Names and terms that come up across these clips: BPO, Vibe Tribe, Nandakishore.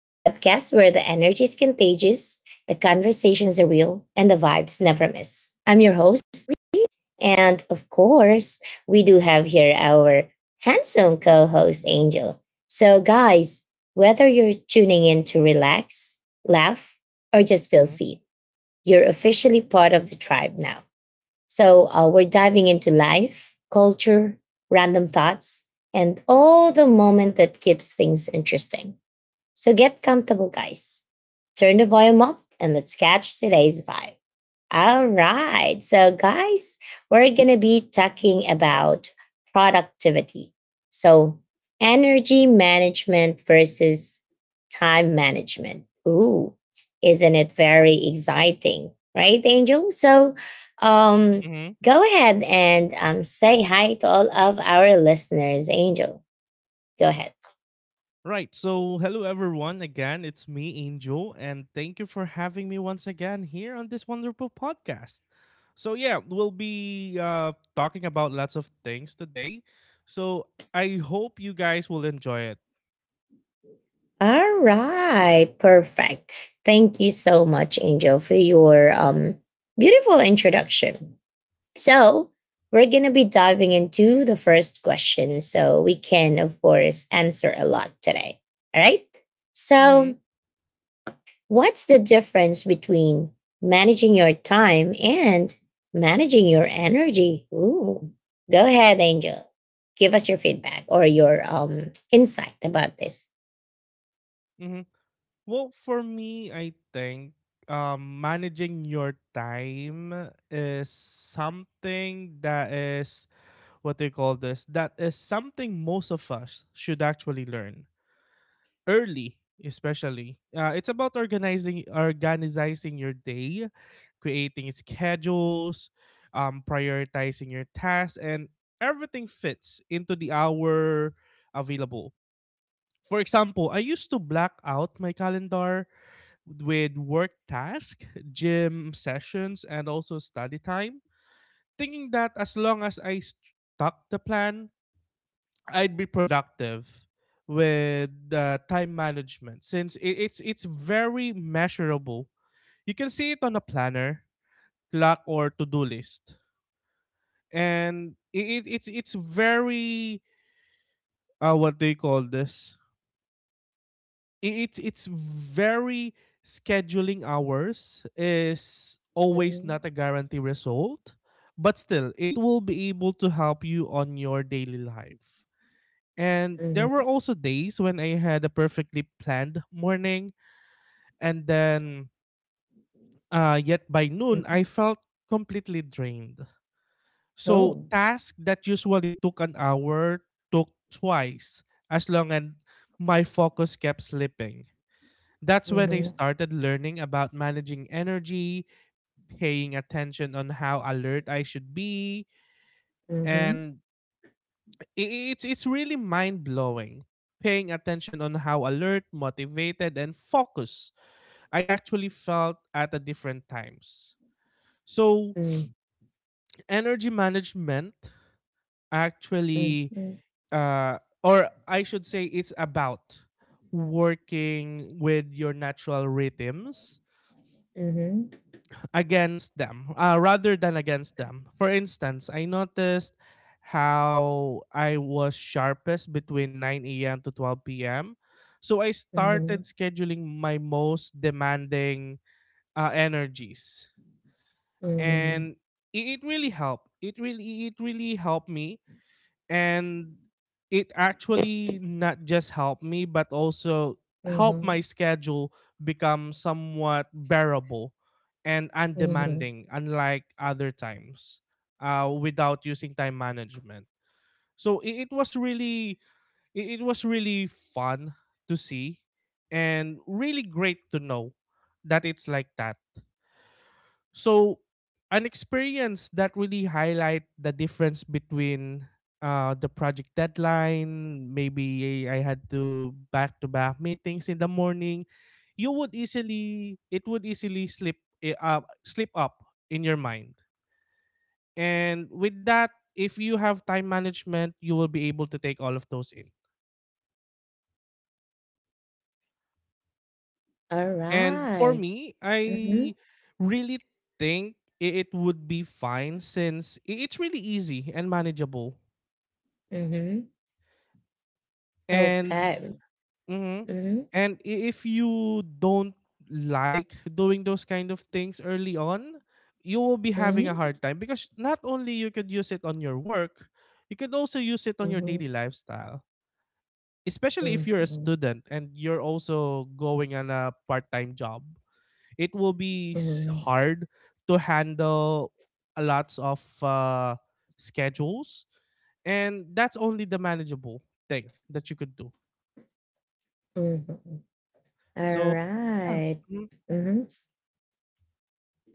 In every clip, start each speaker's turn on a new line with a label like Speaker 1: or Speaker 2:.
Speaker 1: the podcast where the energy is contagious, the conversations are real, and the vibes never miss. I'm your host, and of course, we do have here our handsome co host, Angel. So, guys, whether you're tuning in to relax, laugh, or just feel
Speaker 2: hmm
Speaker 1: seen, you're officially part of the tribe now. So we're diving into life, culture, random thoughts, and all the moment that keeps things interesting. So get comfortable, guys. Turn the volume up and let's catch today's vibe. All right. So, guys, we're going to be talking about productivity. So, energy management versus time management. Ooh, isn't it very exciting? Right, Angel? So, um,
Speaker 2: hmm
Speaker 1: go ahead and say hi to all of our listeners. Angel, go ahead.
Speaker 2: Right. So, hello everyone again. It's me, Angel, and thank you for having me once again here on this wonderful podcast. So, yeah, we'll be talking about lots of things today. So, I hope you guys will enjoy it.
Speaker 1: All right. Perfect. Thank you so much, Angel, for your beautiful introduction. So, we're going to be diving into the first question so we can, of course, answer a lot today. All right.
Speaker 2: hmm
Speaker 1: So, what's the difference between managing your time and managing your energy? Ooh. Go ahead, Angel. Give us your feedback or your insight about this.
Speaker 2: hmm Well, for me, I think managing your time is something that is what they call this. That is something most of us should actually learn early, especially it's about organizing your day, creating schedules, prioritizing your tasks, and everything fits into the hour available. For example, I used to black out my calendar with work tasks, gym sessions, and also study time, thinking that as long as I stuck the plan, I'd be productive. With time management, since it's very measurable. You can see it on a planner, clock, or to-do list, and it's very what do you call this? It's very, scheduling hours is always
Speaker 1: Mhm,
Speaker 2: not a guarantee result, but still it will be able to help you on your daily life. And there were
Speaker 1: mhm,
Speaker 2: also days when I had a perfectly planned morning, and then yet by noon,
Speaker 1: mhm.
Speaker 2: I felt completely drained. So,
Speaker 1: Oh.
Speaker 2: tasks that usually took an hour took twice as long, and my focus kept slipping. That's when I
Speaker 1: Mhm,
Speaker 2: started learning about managing energy, paying attention on how alert I should be,
Speaker 1: mhm,
Speaker 2: and i- it's really mind blowing, paying attention on how alert, motivated, and focused I actually felt at the different times. So
Speaker 1: mm,
Speaker 2: energy management actually
Speaker 1: mhm,
Speaker 2: or I should say it's about working with your natural rhythms
Speaker 1: mhm,
Speaker 2: against them, rather than against them. For instance, I noticed how I was sharpest between 9 a.m. to 12 p.m. So I started
Speaker 1: mhm,
Speaker 2: scheduling my most demanding energies.
Speaker 1: mhm,
Speaker 2: And it really helped. It really helped me, and it actually not just helped me but also helped my
Speaker 1: mhm.
Speaker 2: schedule become somewhat bearable and
Speaker 1: Mhm.
Speaker 2: undemanding, unlike other times without using time management. So it was really, it was really fun to see and really great to know that it's like that. So an experience that really highlight the difference between the project deadline, maybe I had to back meetings in the morning, you would easily it would easily slip, slip up in your mind. And with that, if you have time management, you will be able to take all of those in. And for
Speaker 1: Alright.
Speaker 2: me, I
Speaker 1: Mhm.
Speaker 2: really think it would be fine, since it's really easy and manageable.
Speaker 1: Mhm.
Speaker 2: And
Speaker 1: Okay.
Speaker 2: mhm.
Speaker 1: Mhm.
Speaker 2: And if you don't like doing those kind of things early on, you will be having a
Speaker 1: Mhm.
Speaker 2: hard time, because not only you could use it on your work, you could also use it on your
Speaker 1: Mhm.
Speaker 2: daily lifestyle. Especially if you're a
Speaker 1: Mhm.
Speaker 2: student and you're also going on a part-time job. It will be
Speaker 1: Mhm.
Speaker 2: hard to handle a lots of schedules, and that's only the manageable thing that you could do.
Speaker 1: Mhm.
Speaker 2: So yeah.
Speaker 1: Alright. Mhm.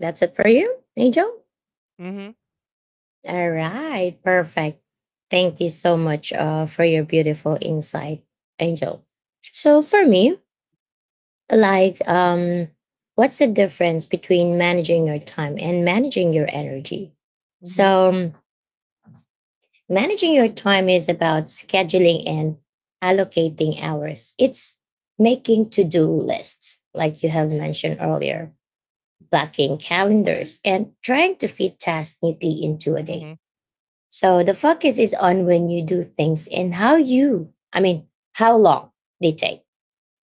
Speaker 1: That's it for you, Angel?
Speaker 2: Mhm.
Speaker 1: Alright. Perfect. Thank you so much for your beautiful insight, Angel. So for me, like what's the difference between managing your time and managing your energy?
Speaker 2: Mhm. Mhm.
Speaker 1: So, managing your time is about scheduling and allocating hours. It's making to do lists, like you have mentioned earlier, blocking calendars, and trying to fit tasks neatly into a day.
Speaker 2: Mhm.
Speaker 1: So the focus is on when you do things and how you, I mean, how long they take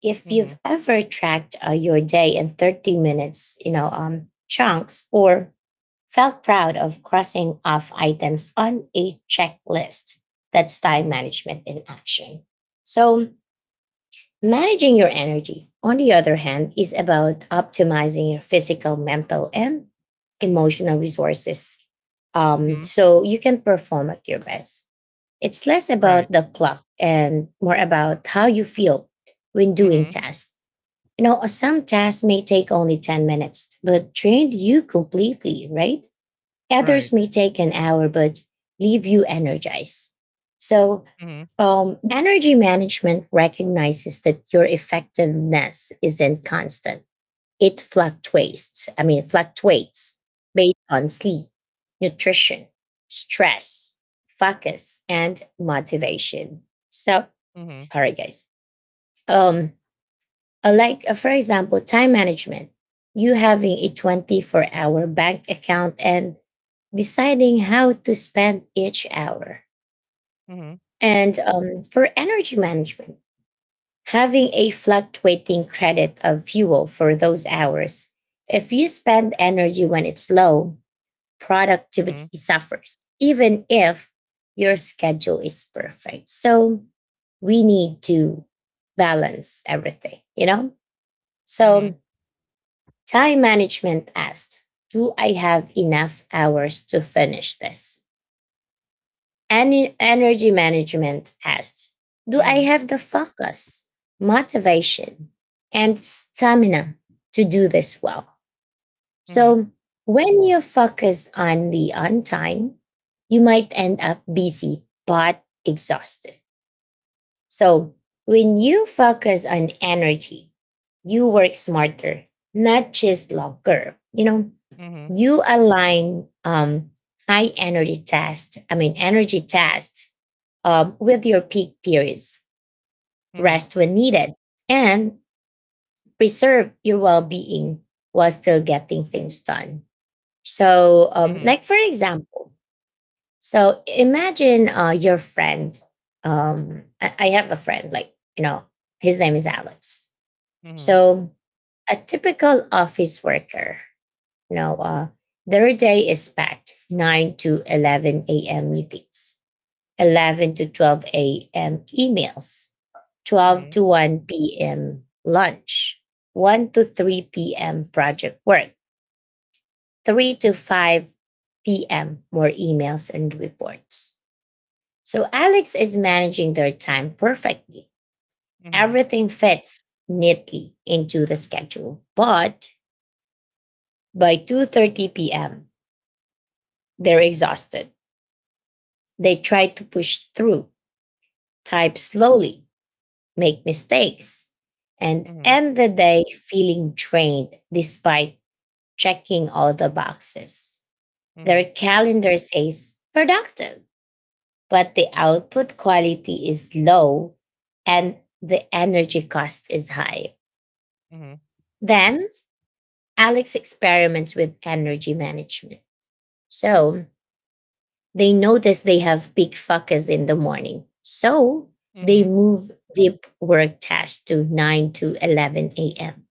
Speaker 1: if
Speaker 2: Mhm.
Speaker 1: you've ever tracked your day in 30 minutes, you know, chunks or felt proud of crossing off items on a checklist, that's time
Speaker 2: Mhm.
Speaker 1: management in action. So, managing your energy, on the other hand, is about optimizing your physical, mental, and emotional resources
Speaker 2: Mhm.
Speaker 1: so you can perform at your best. It's less
Speaker 2: Right.
Speaker 1: about the clock and more about how you feel when doing
Speaker 2: Mhm.
Speaker 1: tasks. Some tasks may take only 10 minutes, but drain you completely, right?
Speaker 2: Right.
Speaker 1: Others may take an hour, but leave you energized. So,
Speaker 2: Mhm.
Speaker 1: energy management recognizes that your effectiveness isn't constant. It fluctuates. I mean, fluctuates based on sleep, nutrition, stress, focus, and motivation. So,
Speaker 2: Mhm.
Speaker 1: all right, guys. Um, for example time management you having a 24-hour bank account and deciding how to spend each hour
Speaker 2: Mhm.
Speaker 1: and for energy management having a fluctuating credit of fuel for those hours if you spend energy when it's low productivity
Speaker 2: Mhm.
Speaker 1: suffers even if your schedule is perfect, so we need to balance everything, you know. So time management asked, do I have enough hours to finish this? And energy management asked, do I
Speaker 2: Mhm.
Speaker 1: have the focus, motivation, and stamina to do this well?
Speaker 2: Mhm.
Speaker 1: So, when you focus on the on time, you might end up busy but exhausted. So when you focus on energy, you work smarter, not just longer. You know, you align high energy tasks, I mean, energy tasks with your peak periods,
Speaker 2: Mhm.
Speaker 1: rest when needed, and preserve your well being while still getting things done. So,
Speaker 2: Mhm.
Speaker 1: like for example, so imagine your friend. I have a friend, like, you know, his name is Alex.
Speaker 2: Mhm.
Speaker 1: So a typical office worker, you know, their day is packed 9 to 11 a.m. meetings, 11 to 12 a.m. emails, 12
Speaker 2: Mhm.
Speaker 1: to 1 p.m. lunch, 1 to 3 p.m. project work, 3 to 5 p.m. more emails and reports. So Alex is managing their time perfectly.
Speaker 2: Mhm.
Speaker 1: Everything fits neatly into the schedule. But by 2:30 p.m., they're exhausted. They try to push through, type slowly, make mistakes, and
Speaker 2: Mhm.
Speaker 1: end the day feeling drained despite checking all the boxes.
Speaker 2: Mhm.
Speaker 1: Their calendar says productive, but the output quality is low and the energy cost is high.
Speaker 2: Mhm.
Speaker 1: Then Alex experiments with energy management. So they notice they have big focus in the morning. So they
Speaker 2: Mhm.
Speaker 1: move deep work tasks to 9 to 11 a.m.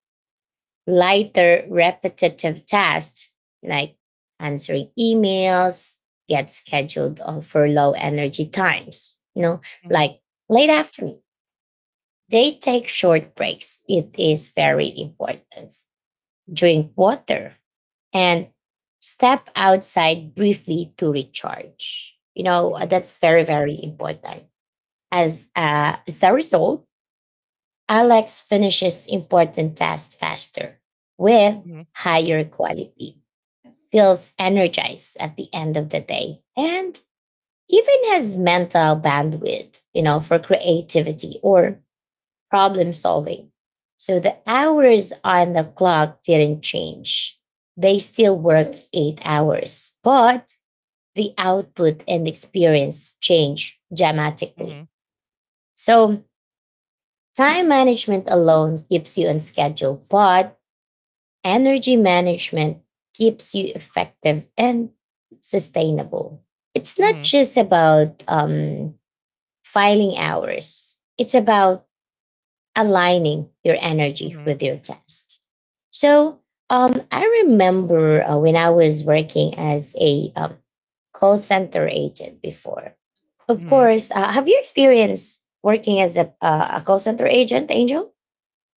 Speaker 1: Lighter repetitive tasks like answering emails get scheduled for low energy times, you know,
Speaker 2: Mhm.
Speaker 1: like late afternoon. They take short breaks. It is very important. Drink water, and step outside briefly to recharge.
Speaker 2: Mhm.
Speaker 1: That's very, very important. As a result, Alex finishes important tasks faster with
Speaker 2: Mhm. Mhm. Mhm.
Speaker 1: higher quality, feels energized at the end of the day, and even has mental bandwidth, you know, for creativity or problem solving. So the hours on the clock didn't change. They still worked 8 hours, but the output and experience change
Speaker 2: Mhm.
Speaker 1: dramatically. So time management alone keeps you on schedule, but energy management keeps you effective and sustainable. It's not
Speaker 2: Mhm.
Speaker 1: just about filing hours, it's about aligning your energy
Speaker 2: Mhm.
Speaker 1: with your test. So I remember when I was working as a call center agent before. Of
Speaker 2: Mhm.
Speaker 1: course, have you experienced working as a call center agent, Angel?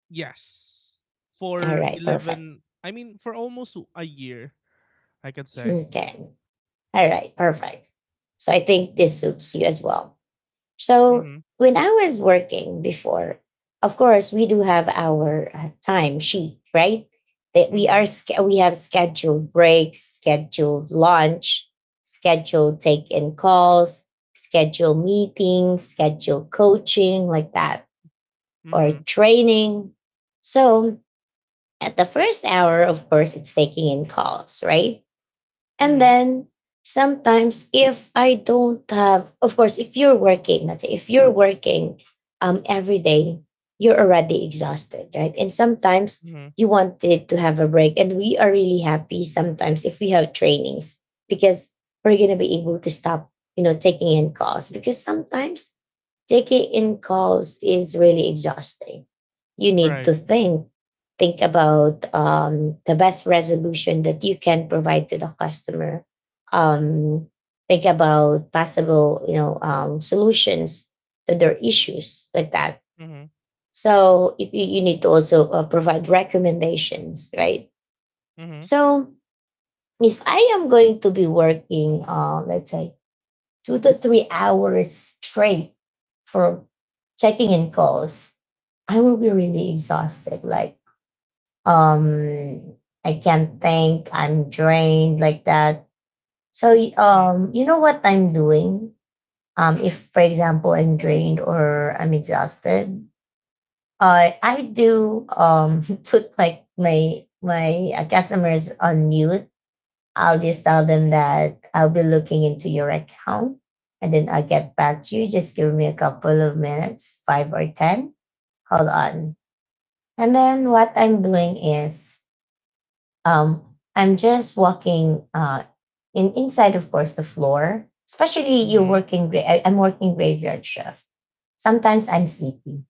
Speaker 2: Yes.
Speaker 1: All
Speaker 2: For
Speaker 1: right, perfect.
Speaker 2: 11, I mean, for almost a year, I could say.
Speaker 1: Okay. All right, perfect. So I think this suits you as well. So
Speaker 2: Mm-hmm.
Speaker 1: when I was working before, of course we do have our time sheet, right? That
Speaker 2: Mm-hmm.
Speaker 1: we have scheduled breaks, scheduled lunch, scheduled take in calls, scheduled meetings, scheduled coaching like that or
Speaker 2: Mm-hmm.
Speaker 1: training. So at the first hour, of course, it's taking in calls, right? And
Speaker 2: Mm-hmm.
Speaker 1: then sometimes if I don't have, of course, if you're working, let's say if you're working every day, you're already exhausted, right? And sometimes
Speaker 2: Mm-hmm.
Speaker 1: you wanted to have a break. And we are really happy sometimes if we have trainings because we're going to be able to stop, you know, taking in calls because sometimes taking in calls is really exhausting. You need
Speaker 2: Right.
Speaker 1: to think about the best resolution that you can provide to the customer um, think about possible solutions to their issues like that,
Speaker 2: Mm-hmm.
Speaker 1: so you need to also provide recommendations, right?
Speaker 2: Mhm,
Speaker 1: So if I am going to be working let's say 2 to 3 hours straight for checking in calls, I will be really exhausted, like, um I can't think, I'm drained like that. so y-
Speaker 2: mhm,
Speaker 1: um you know what I'm doing, if for example I'm drained or I'm exhausted, I do put my customers on mute. I'll
Speaker 2: mhm,
Speaker 1: just tell them that I'll be looking into your account and then I'll get back to you, just give me a couple of minutes, five or ten, hold on. And then what I'm doing is um, I'm just walking in inside, of course, the floor. Especially you're
Speaker 2: mhm,
Speaker 1: working. I'm working graveyard shift. Sometimes I'm sleepy.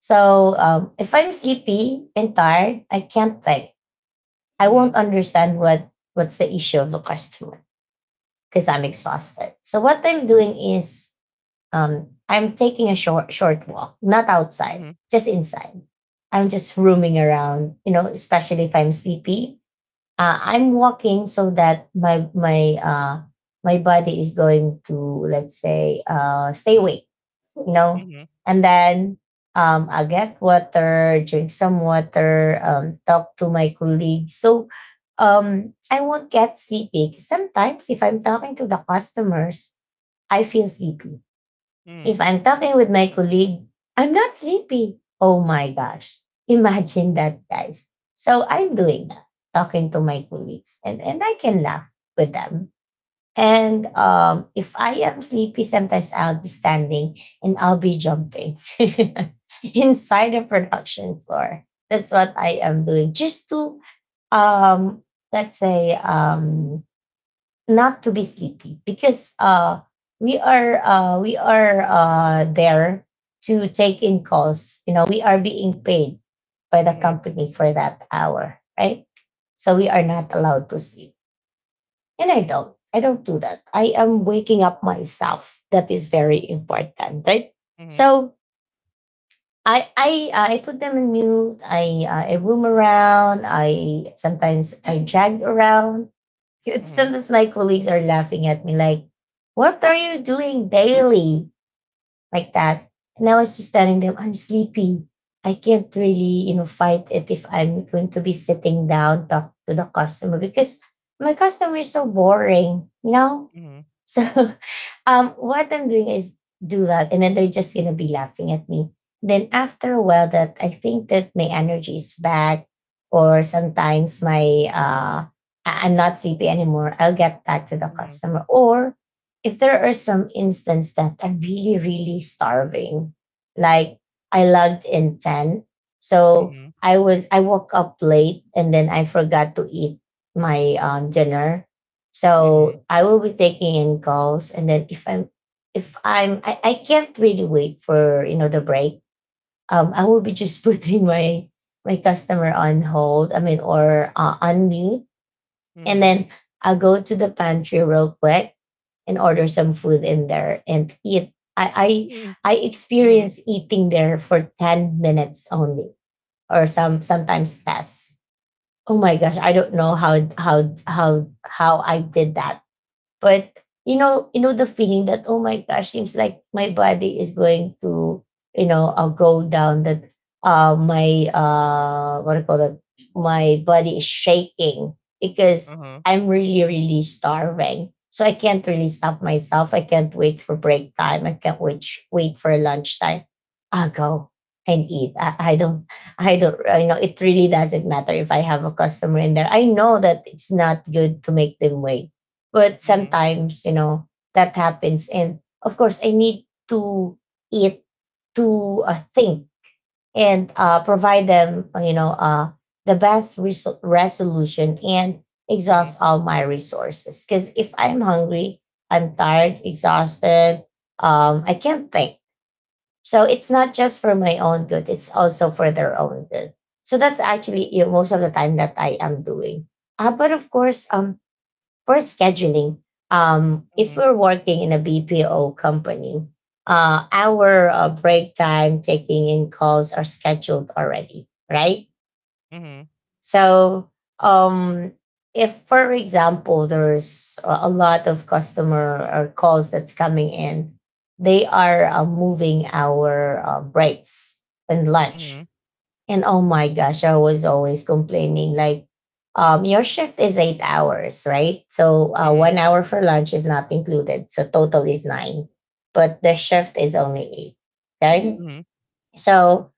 Speaker 1: So if I'm sleepy and tired, I can't think. I
Speaker 2: mhm,
Speaker 1: won't understand what's the issue of the customer because I'm exhausted. So what I'm doing is I'm taking a short walk, not outside,
Speaker 2: mhm,
Speaker 1: just inside. I'm just roaming around, you know, especially if I'm sleepy, I'm walking so that my body is going to, let's say, stay awake, you know,
Speaker 2: mhm,
Speaker 1: and then I get water, drink some water, talk to my colleagues. So I won't get sleepy. Sometimes if I'm talking to the customers, I feel sleepy,
Speaker 2: mhm,
Speaker 1: if I'm talking with my colleague, I'm not sleepy. Oh my gosh. Imagine that, guys. So I'm doing that, talking to my colleagues, and I can laugh with them. And if I am sleepy, sometimes I'll be standing and I'll be jumping inside the production floor. That's what I am doing just to, um, let's say, not to be sleepy because we are there to take in calls, you know, we are being paid by the
Speaker 2: mhm,
Speaker 1: company for that hour, right? So we are not allowed to sleep. And I don't do that, I am waking up myself, that is very important, right?
Speaker 2: mhm,
Speaker 1: So I put them in mute. I roam around. I jag around. It
Speaker 2: mhm,
Speaker 1: sometimes my colleagues are laughing at me like, what are you doing daily? Like that. And I was just telling them, I'm sleepy. I can't really, you know, fight it if I'm going to be sitting down, talk to the customer because my customer is so boring, you know?
Speaker 2: mhm,
Speaker 1: So what I'm doing is do that, and then they're just gonna be laughing at me. Then after a while, that I think that my energy is back, or sometimes my I'm not sleepy anymore. I'll get back to the
Speaker 2: mhm,
Speaker 1: customer, or if there are some instances that I'm really really starving, like I logged in ten. So
Speaker 2: mhm,
Speaker 1: I woke up late and then I forgot to eat my dinner.
Speaker 2: mhm,
Speaker 1: So I will be taking in calls, and then if I'm I can't really wait for the break. I will be just putting my customer on hold. I mean, or on mute, and
Speaker 2: mhm,
Speaker 1: then I'll go to the pantry real quick and order some food in there and eat. I
Speaker 2: mhm,
Speaker 1: I I
Speaker 2: mhm,
Speaker 1: experience eating there for 10 minutes only, or sometimes less. Oh my gosh, I don't know how I did that. But you know the feeling that, oh my gosh, seems like my body is going to go down. That My what do you call that? My body is shaking because
Speaker 2: uh-huh,
Speaker 1: I'm really really starving. So I can't really stop myself. I can't wait for break time. I can't wait for lunchtime. I'll go and eat. I know it really doesn't matter if I have a customer in there. I know that it's not good to make them wait, but
Speaker 2: mhm,
Speaker 1: sometimes, that happens. And of course, I need to eat, to think, and provide them, the best resolution and
Speaker 2: mhm,
Speaker 1: exhaust all my resources. Because if I'm hungry, I'm tired, exhausted, I can't think. So it's not just for my own good, it's also for their own good. So that's actually most of the time that I am doing. But of course, for scheduling, if
Speaker 2: mhm,
Speaker 1: we're working in a BPO company, our break time, taking in calls are scheduled already, right?
Speaker 2: mhm,
Speaker 1: So, um, if, for example, there's a lot of customer or calls that's coming in, they are moving our breaks and lunch.
Speaker 2: mhm,
Speaker 1: And, oh my gosh, I was always complaining like, your shift is 8 hours, right? So
Speaker 2: mhm,
Speaker 1: 1 hour for lunch is not included. So total is nine, but the shift is only eight. Okay.
Speaker 2: mhm,
Speaker 1: So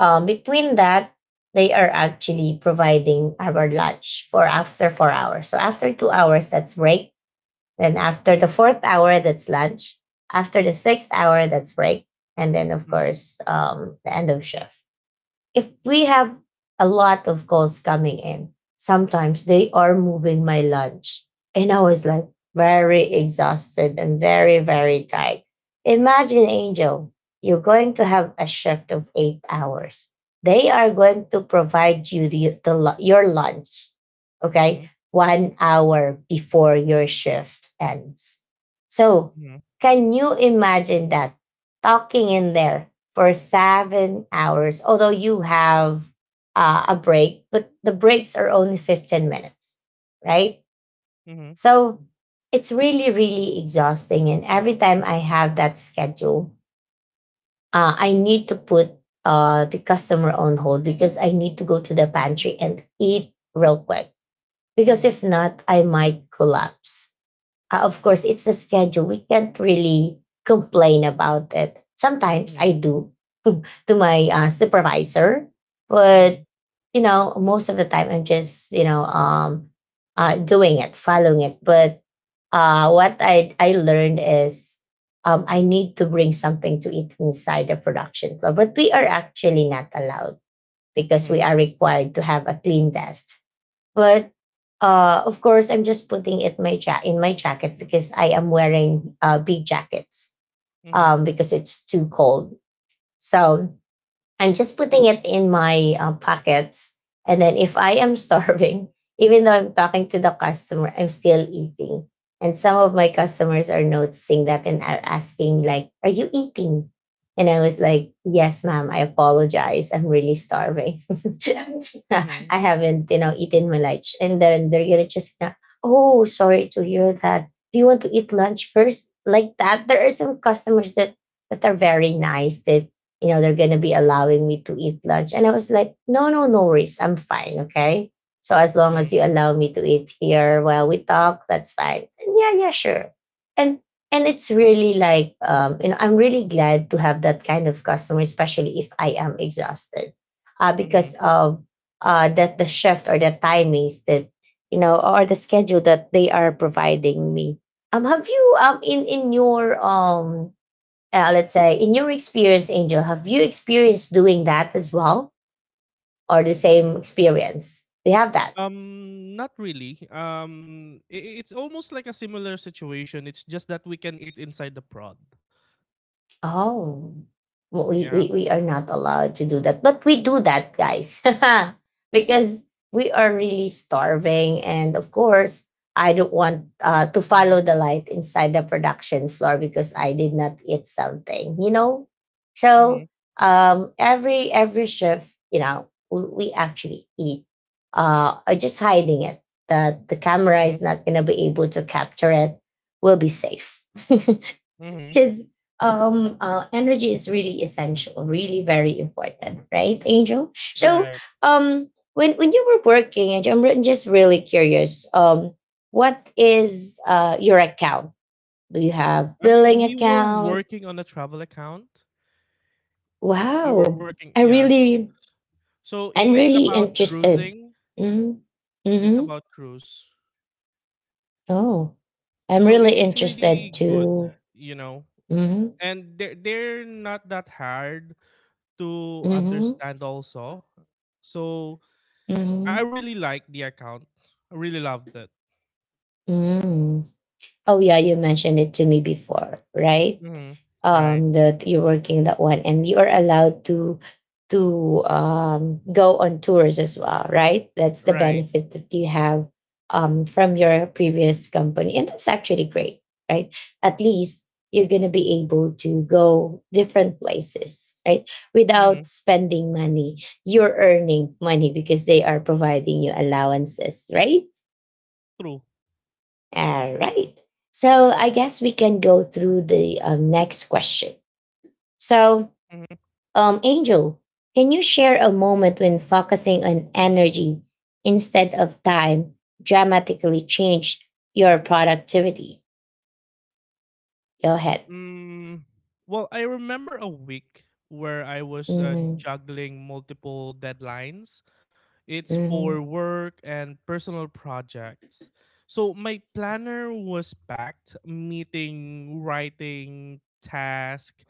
Speaker 1: between that, they are actually providing our lunch for after 4 hours. So after 2 hours, that's break. Then after the fourth hour, that's lunch. After the sixth hour, that's break. And then, of
Speaker 2: mhm,
Speaker 1: course, the end of shift, if we have a lot of calls coming in, sometimes they are moving my lunch. And I was like very exhausted and very, very tired. Imagine, Angel, you're going to have a shift of 8 hours. They are going to provide you your lunch, okay,
Speaker 2: mhm,
Speaker 1: 1 hour before your shift ends. So,
Speaker 2: mhm,
Speaker 1: can you imagine that, talking in there for 7 hours, although you have a break, but the breaks are only 15 minutes, right?
Speaker 2: mhm, mhm, mhm, mhm,
Speaker 1: So it's really, really exhausting. And every time I have that schedule, I need to put the customer on hold because I need to go to the pantry and eat real quick. Because
Speaker 2: mhm,
Speaker 1: if not, I might collapse. Of course, it's the schedule. We can't really complain about it. Sometimes I do to my supervisor, but most of the time I'm just doing it, following it. But what I learned is, I need to bring something to eat inside the production floor, but we are actually not allowed because we
Speaker 2: mhm,
Speaker 1: are required to have a clean desk. But of course, I'm just putting it in my jacket because I am wearing big jackets,
Speaker 2: mhm,
Speaker 1: because it's too cold. So I'm just putting it in my pockets. And then if I am starving, even though I'm talking to the customer, I'm still eating. And some of my customers are noticing that and are asking, like, are you eating? And I was like, yes, ma'am, I apologize. I'm really starving. I haven't eaten my lunch. And then they're gonna just oh, sorry to hear that. Do you want to eat lunch first? Like that. There are some customers that are very nice that, they're going to be allowing me to eat lunch. And I was like, no, no, no worries. I'm fine. Okay. So as long as
Speaker 2: mhm,
Speaker 1: you allow me to eat here while we talk, that's fine. And, yeah, yeah, sure. And and it's really, like, I'm really glad to have that kind of customer, especially if I am exhausted. Uh,
Speaker 2: mhm.
Speaker 1: because of that, the shift or the timings that or the schedule that they are providing me. Have you, in your, let's say, in your experience, Angel, have you experienced doing that as well, or the same experience, do you have that?
Speaker 2: Not really. It's almost like a similar situation. It's just that we can eat inside the prod.
Speaker 1: Oh, well, we,
Speaker 2: Yeah.
Speaker 1: we, we are not allowed to do that. But we do that, guys, because we are really starving. And of course, I don't want to
Speaker 2: Mm-hmm.
Speaker 1: follow the light inside the production floor because I did not eat something, you know?
Speaker 2: Mm-hmm.
Speaker 1: So every shift, we actually eat. Just hiding it. The camera
Speaker 2: Mhm.
Speaker 1: is not going to be able to capture it. We'll be safe.
Speaker 2: Mhm.
Speaker 1: Because energy is really essential, really very important, right, Angel? So,
Speaker 2: Right.
Speaker 1: when you were working, Angel, I'm just really curious. What is your account? Do you have
Speaker 2: I mean,
Speaker 1: billing
Speaker 2: we were
Speaker 1: account?
Speaker 2: working on a travel account. We were
Speaker 1: Wow,
Speaker 2: working,
Speaker 1: I
Speaker 2: yeah.
Speaker 1: really,
Speaker 2: So I
Speaker 1: I'm
Speaker 2: it's
Speaker 1: really
Speaker 2: about
Speaker 1: interested.
Speaker 2: cruising.
Speaker 1: Mm-hmm.
Speaker 2: It's
Speaker 1: Mm-hmm.
Speaker 2: about cruise.
Speaker 1: Oh, I'm
Speaker 2: So I
Speaker 1: really
Speaker 2: it's
Speaker 1: interested
Speaker 2: really good,
Speaker 1: to.
Speaker 2: you know.
Speaker 1: Mm-hmm.
Speaker 2: And they're not that hard to
Speaker 1: Mm-hmm.
Speaker 2: understand also. So
Speaker 1: Mm-hmm.
Speaker 2: I really like the account. I really loved it.
Speaker 1: Mm-hmm. Oh yeah, you mentioned it to me before, right?
Speaker 2: Hmm. Right.
Speaker 1: That you're working that one, and you are allowed to go on tours as well, right? That's the
Speaker 2: Right.
Speaker 1: benefit that you have, from your previous company, and that's actually great, right? At least you're gonna be able to go different places, right?
Speaker 2: Hmm.
Speaker 1: Without spending money, you're earning money because they are providing you allowances, right?
Speaker 2: True.
Speaker 1: All right. So I guess we can go through the next question. So,
Speaker 2: Mhm.
Speaker 1: Angel, can you share a moment when focusing on energy instead of time dramatically changed your productivity? Go ahead.
Speaker 2: Mm, well, I remember a week where I was
Speaker 1: Hmm,
Speaker 2: juggling multiple deadlines. It's
Speaker 1: hmm,
Speaker 2: for work and personal projects. So my planner was packed, meeting, writing, task,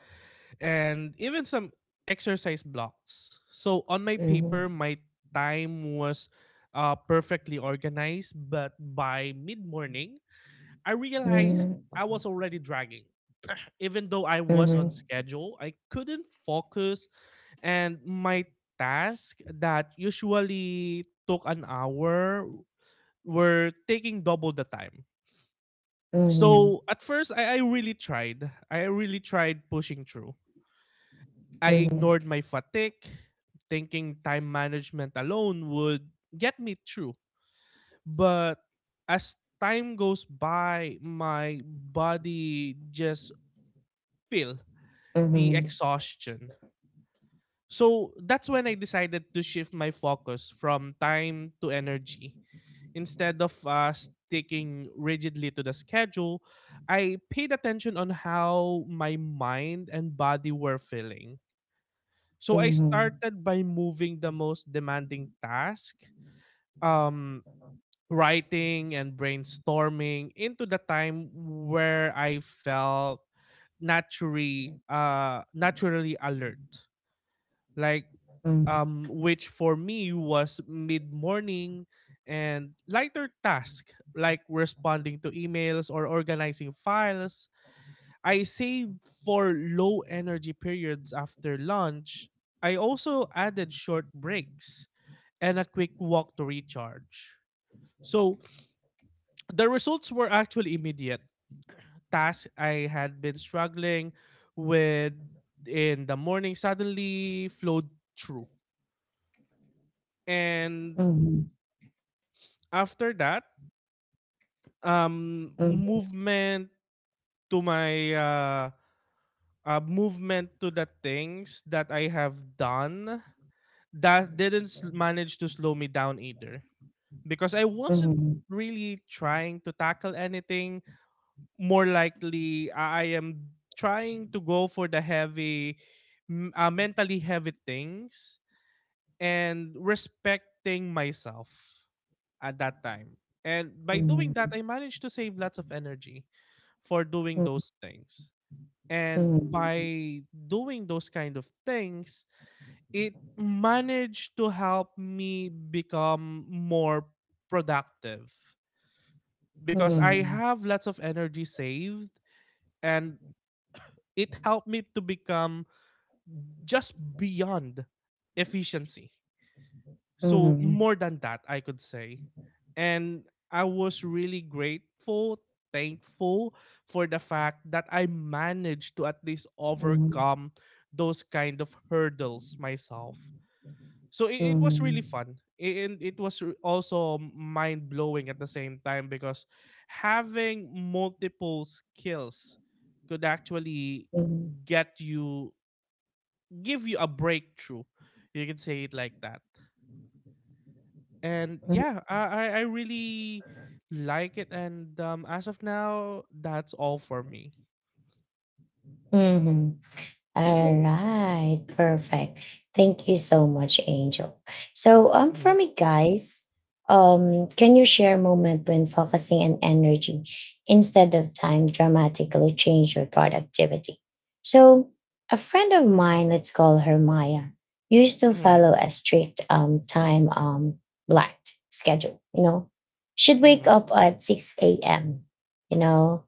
Speaker 2: and even some exercise blocks. So on my
Speaker 1: hmm,
Speaker 2: paper, my time was perfectly organized, but by mid morning, I realized
Speaker 1: hmm,
Speaker 2: I was already dragging. Even though I was
Speaker 1: hmm,
Speaker 2: on schedule, I couldn't focus, and my task that usually took an hour were taking double the time.
Speaker 1: hmm,
Speaker 2: So at first I really tried. I really tried pushing through. I
Speaker 1: hmm,
Speaker 2: ignored my fatigue, thinking time management alone would get me through. But as time goes by, my body just feel
Speaker 1: hmm,
Speaker 2: the
Speaker 1: hmm,
Speaker 2: exhaustion. So that's when I decided to shift my focus from time to energy. Instead of sticking rigidly to the schedule, I paid attention on how my mind and body were feeling. So I
Speaker 1: hmm,
Speaker 2: started by moving the most demanding task, um, writing and brainstorming, into the time where I felt naturally alert, like, which for me was mid morning, and lighter tasks like responding to emails or organizing files, I saved for low energy periods after lunch. I also added short breaks and a quick walk to recharge. So the results were actually immediate. Tasks I had been struggling with in the morning suddenly flowed through. And after that, um
Speaker 1: hmm,
Speaker 2: movement to my uh, movement to the things that I have done that didn't manage to slow me down either, because I
Speaker 1: hmm,
Speaker 2: wasn't
Speaker 1: hmm,
Speaker 2: really trying to tackle anything. More likely I am trying to go for the heavy, mentally heavy things, and respecting myself at that time. And by doing that I managed to save lots of energy for doing those things. And
Speaker 1: hmm,
Speaker 2: by doing those kind of things, it managed to help me become more productive, because I
Speaker 1: hmm,
Speaker 2: have lots of energy saved, and it helped me to become just beyond efficiency. So
Speaker 1: hmm.
Speaker 2: more than that, I could say. And I was really grateful, thankful for the fact that I managed to at least
Speaker 1: Ừm,
Speaker 2: overcome those kind of hurdles myself. So it was
Speaker 1: ừm,
Speaker 2: really fun. And it was also mind blowing at the same time, because having multiple skills could actually
Speaker 1: ừm,
Speaker 2: get you, give you a breakthrough. You can say it like that, and yeah, I really like it. And as of now, that's all for me.
Speaker 1: ừm, ừm. All right, perfect. Thank you so much, Angel. So, for
Speaker 2: Mhm,
Speaker 1: me, guys, can you share a moment when focusing and energy instead of time dramatically change your productivity? So, a friend of mine, let's call her Maya, used to
Speaker 2: mhm,
Speaker 1: follow a strict, time, black schedule. She'd wake
Speaker 2: mhm,
Speaker 1: up at 6 a.m. You know,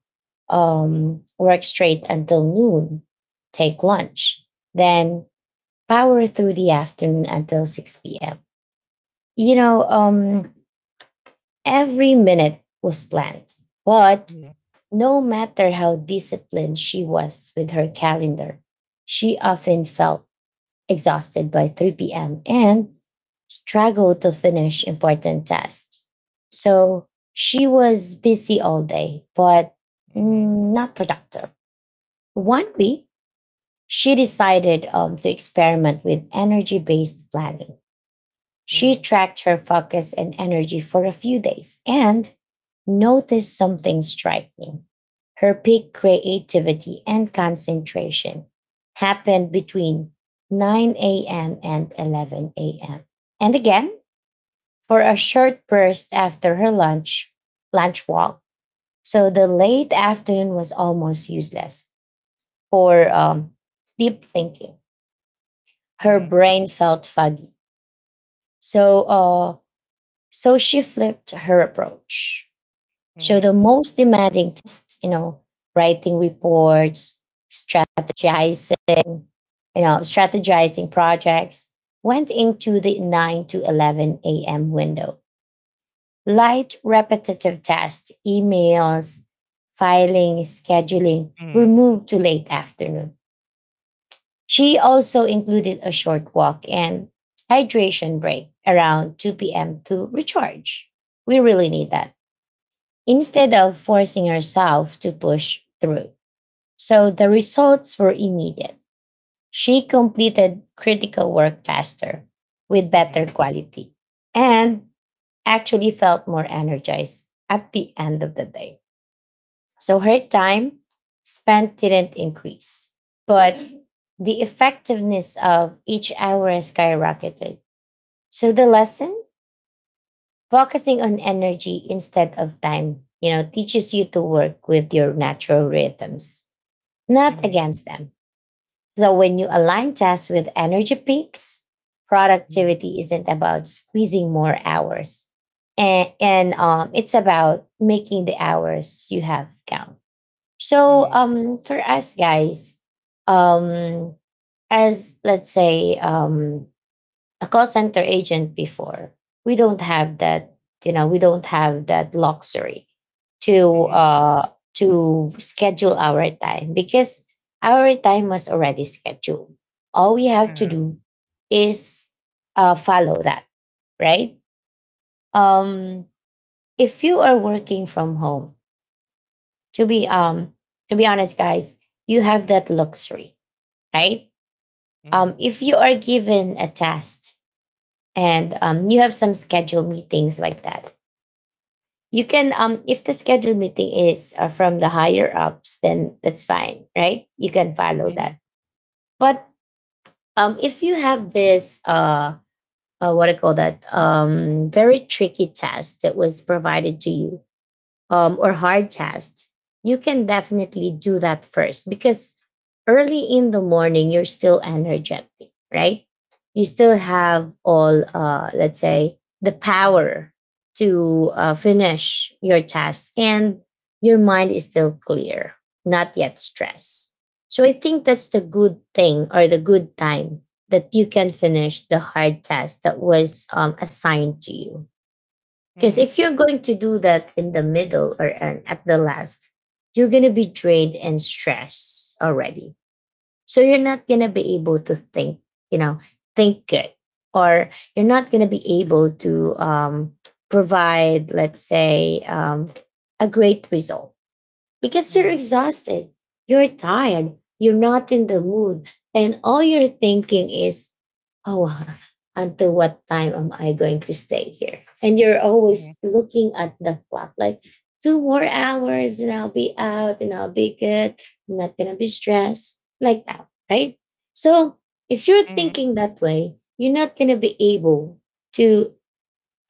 Speaker 1: work straight until noon, take lunch, then power through the afternoon until 6 p.m. You know, um, every minute was planned, but no matter how disciplined she was with her calendar, she often felt exhausted by 3 p.m. and struggled to finish important tasks. So she was busy all day, but,
Speaker 2: mhm,
Speaker 1: not productive. One week, she decided, to experiment with energy based planning. She
Speaker 2: mhm,
Speaker 1: tracked her focus and energy for a few days and noticed something striking. Her peak creativity and concentration happened between 9 a.m. and 11 a.m. And again, for a short burst after her lunch walk. So the late afternoon was almost useless for deep thinking. Her
Speaker 2: mhm,
Speaker 1: brain felt foggy. So, so she flipped her approach. So
Speaker 2: mhm,
Speaker 1: the most demanding test, writing reports, strategizing, you strategizing projects, went into the 9 to 11 a.m. window. Light repetitive tasks, emails, filing, scheduling were
Speaker 2: mhm,
Speaker 1: moved to late afternoon. She also included a short walk and hydration break around 2 p.m. to recharge. We really need that, instead of forcing herself to push through. So the results were immediate. She completed critical work faster, with better
Speaker 2: mhm,
Speaker 1: quality, and actually felt more energized at the end of the day. So her time spent didn't increase, but the effectiveness of each hour skyrocketed. So the lesson: focusing on energy instead of time, teaches you to work with your natural rhythms, not
Speaker 2: mhm,
Speaker 1: against them. So when you align tasks with energy peaks,
Speaker 2: mhm,
Speaker 1: productivity isn't about squeezing more hours. And, it's about making the hours you have count. So
Speaker 2: mhm,
Speaker 1: for us, guys, um as, let's say, a call center agent before, we don't have that, we don't have that luxury
Speaker 2: mhm,
Speaker 1: to
Speaker 2: mhm,
Speaker 1: uh to schedule our time because our time was already scheduled. All we have to
Speaker 2: uh-huh,
Speaker 1: do is follow that, right? Um if you are working from home, to be um to be honest guys, you have that luxury, right?
Speaker 2: mhm,
Speaker 1: If you are given a test and you have some scheduled meetings like that, you can if the scheduled meeting is from the higher ups, then that's fine, right? You can follow
Speaker 2: mhm,
Speaker 1: that. But if you have this what I call that very tricky test that was provided to you, or hard tasks, you can definitely do that first because early in the morning, you're still energetic, right? You still have all, let's say, the
Speaker 2: mhm,
Speaker 1: power to finish your task, and your mind is still clear, not yet stressed. So I think that's the good thing or the good time that you can finish the hard task that was, assigned to you, because
Speaker 2: mhm,
Speaker 1: if you're going to do that in the middle or at the last, you're going to be drained and stressed already. So you're not going to be able to think, you know, think good, or you're not going to be able to, provide, let's say, a great result because you're
Speaker 2: mhm,
Speaker 1: exhausted, you're tired, you're not in the mood, and all you're thinking is, oh, until what time am I going to stay here? And you're
Speaker 2: mhm,
Speaker 1: always looking at the clock, like, two more hours and I'll be out and I'll be good. I'm not going to be stressed, like that, right? So if you're
Speaker 2: mhm,
Speaker 1: thinking that way, you're not going to be able to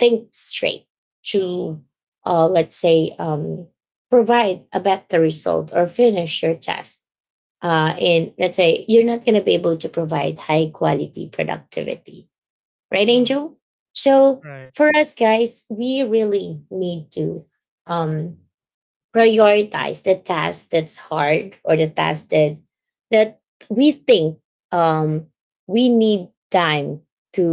Speaker 1: think straight, to, let's say, provide a better result or finish your task. And let's say you're not going to be able to provide high quality productivity, right,
Speaker 2: mhm,
Speaker 1: Angel? So
Speaker 2: Right.
Speaker 1: for us guys, we really need to, um, prioritize the task that's hard, or the task that that we think, um, we need time to,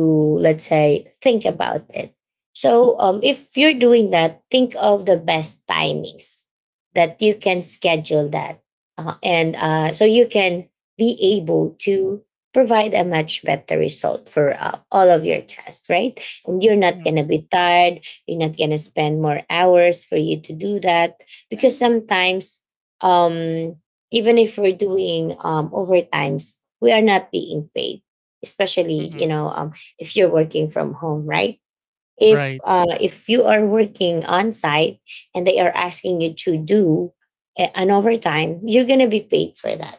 Speaker 1: let's say, think about it. So if you're doing that, think of the best timings that you can schedule that, and so you can be able to provide a much better result for all of your tests, right? And you're not going
Speaker 2: Mhm,
Speaker 1: to be tired, you're not going to spend more hours for you to do that, because sometimes um even if we're doing overtimes, we are not being paid, especially, you
Speaker 2: mhm,
Speaker 1: know, if you're working from home, right? If
Speaker 2: Right.
Speaker 1: if you are working on site and they are asking you to do an overtime, you're going to be paid for that.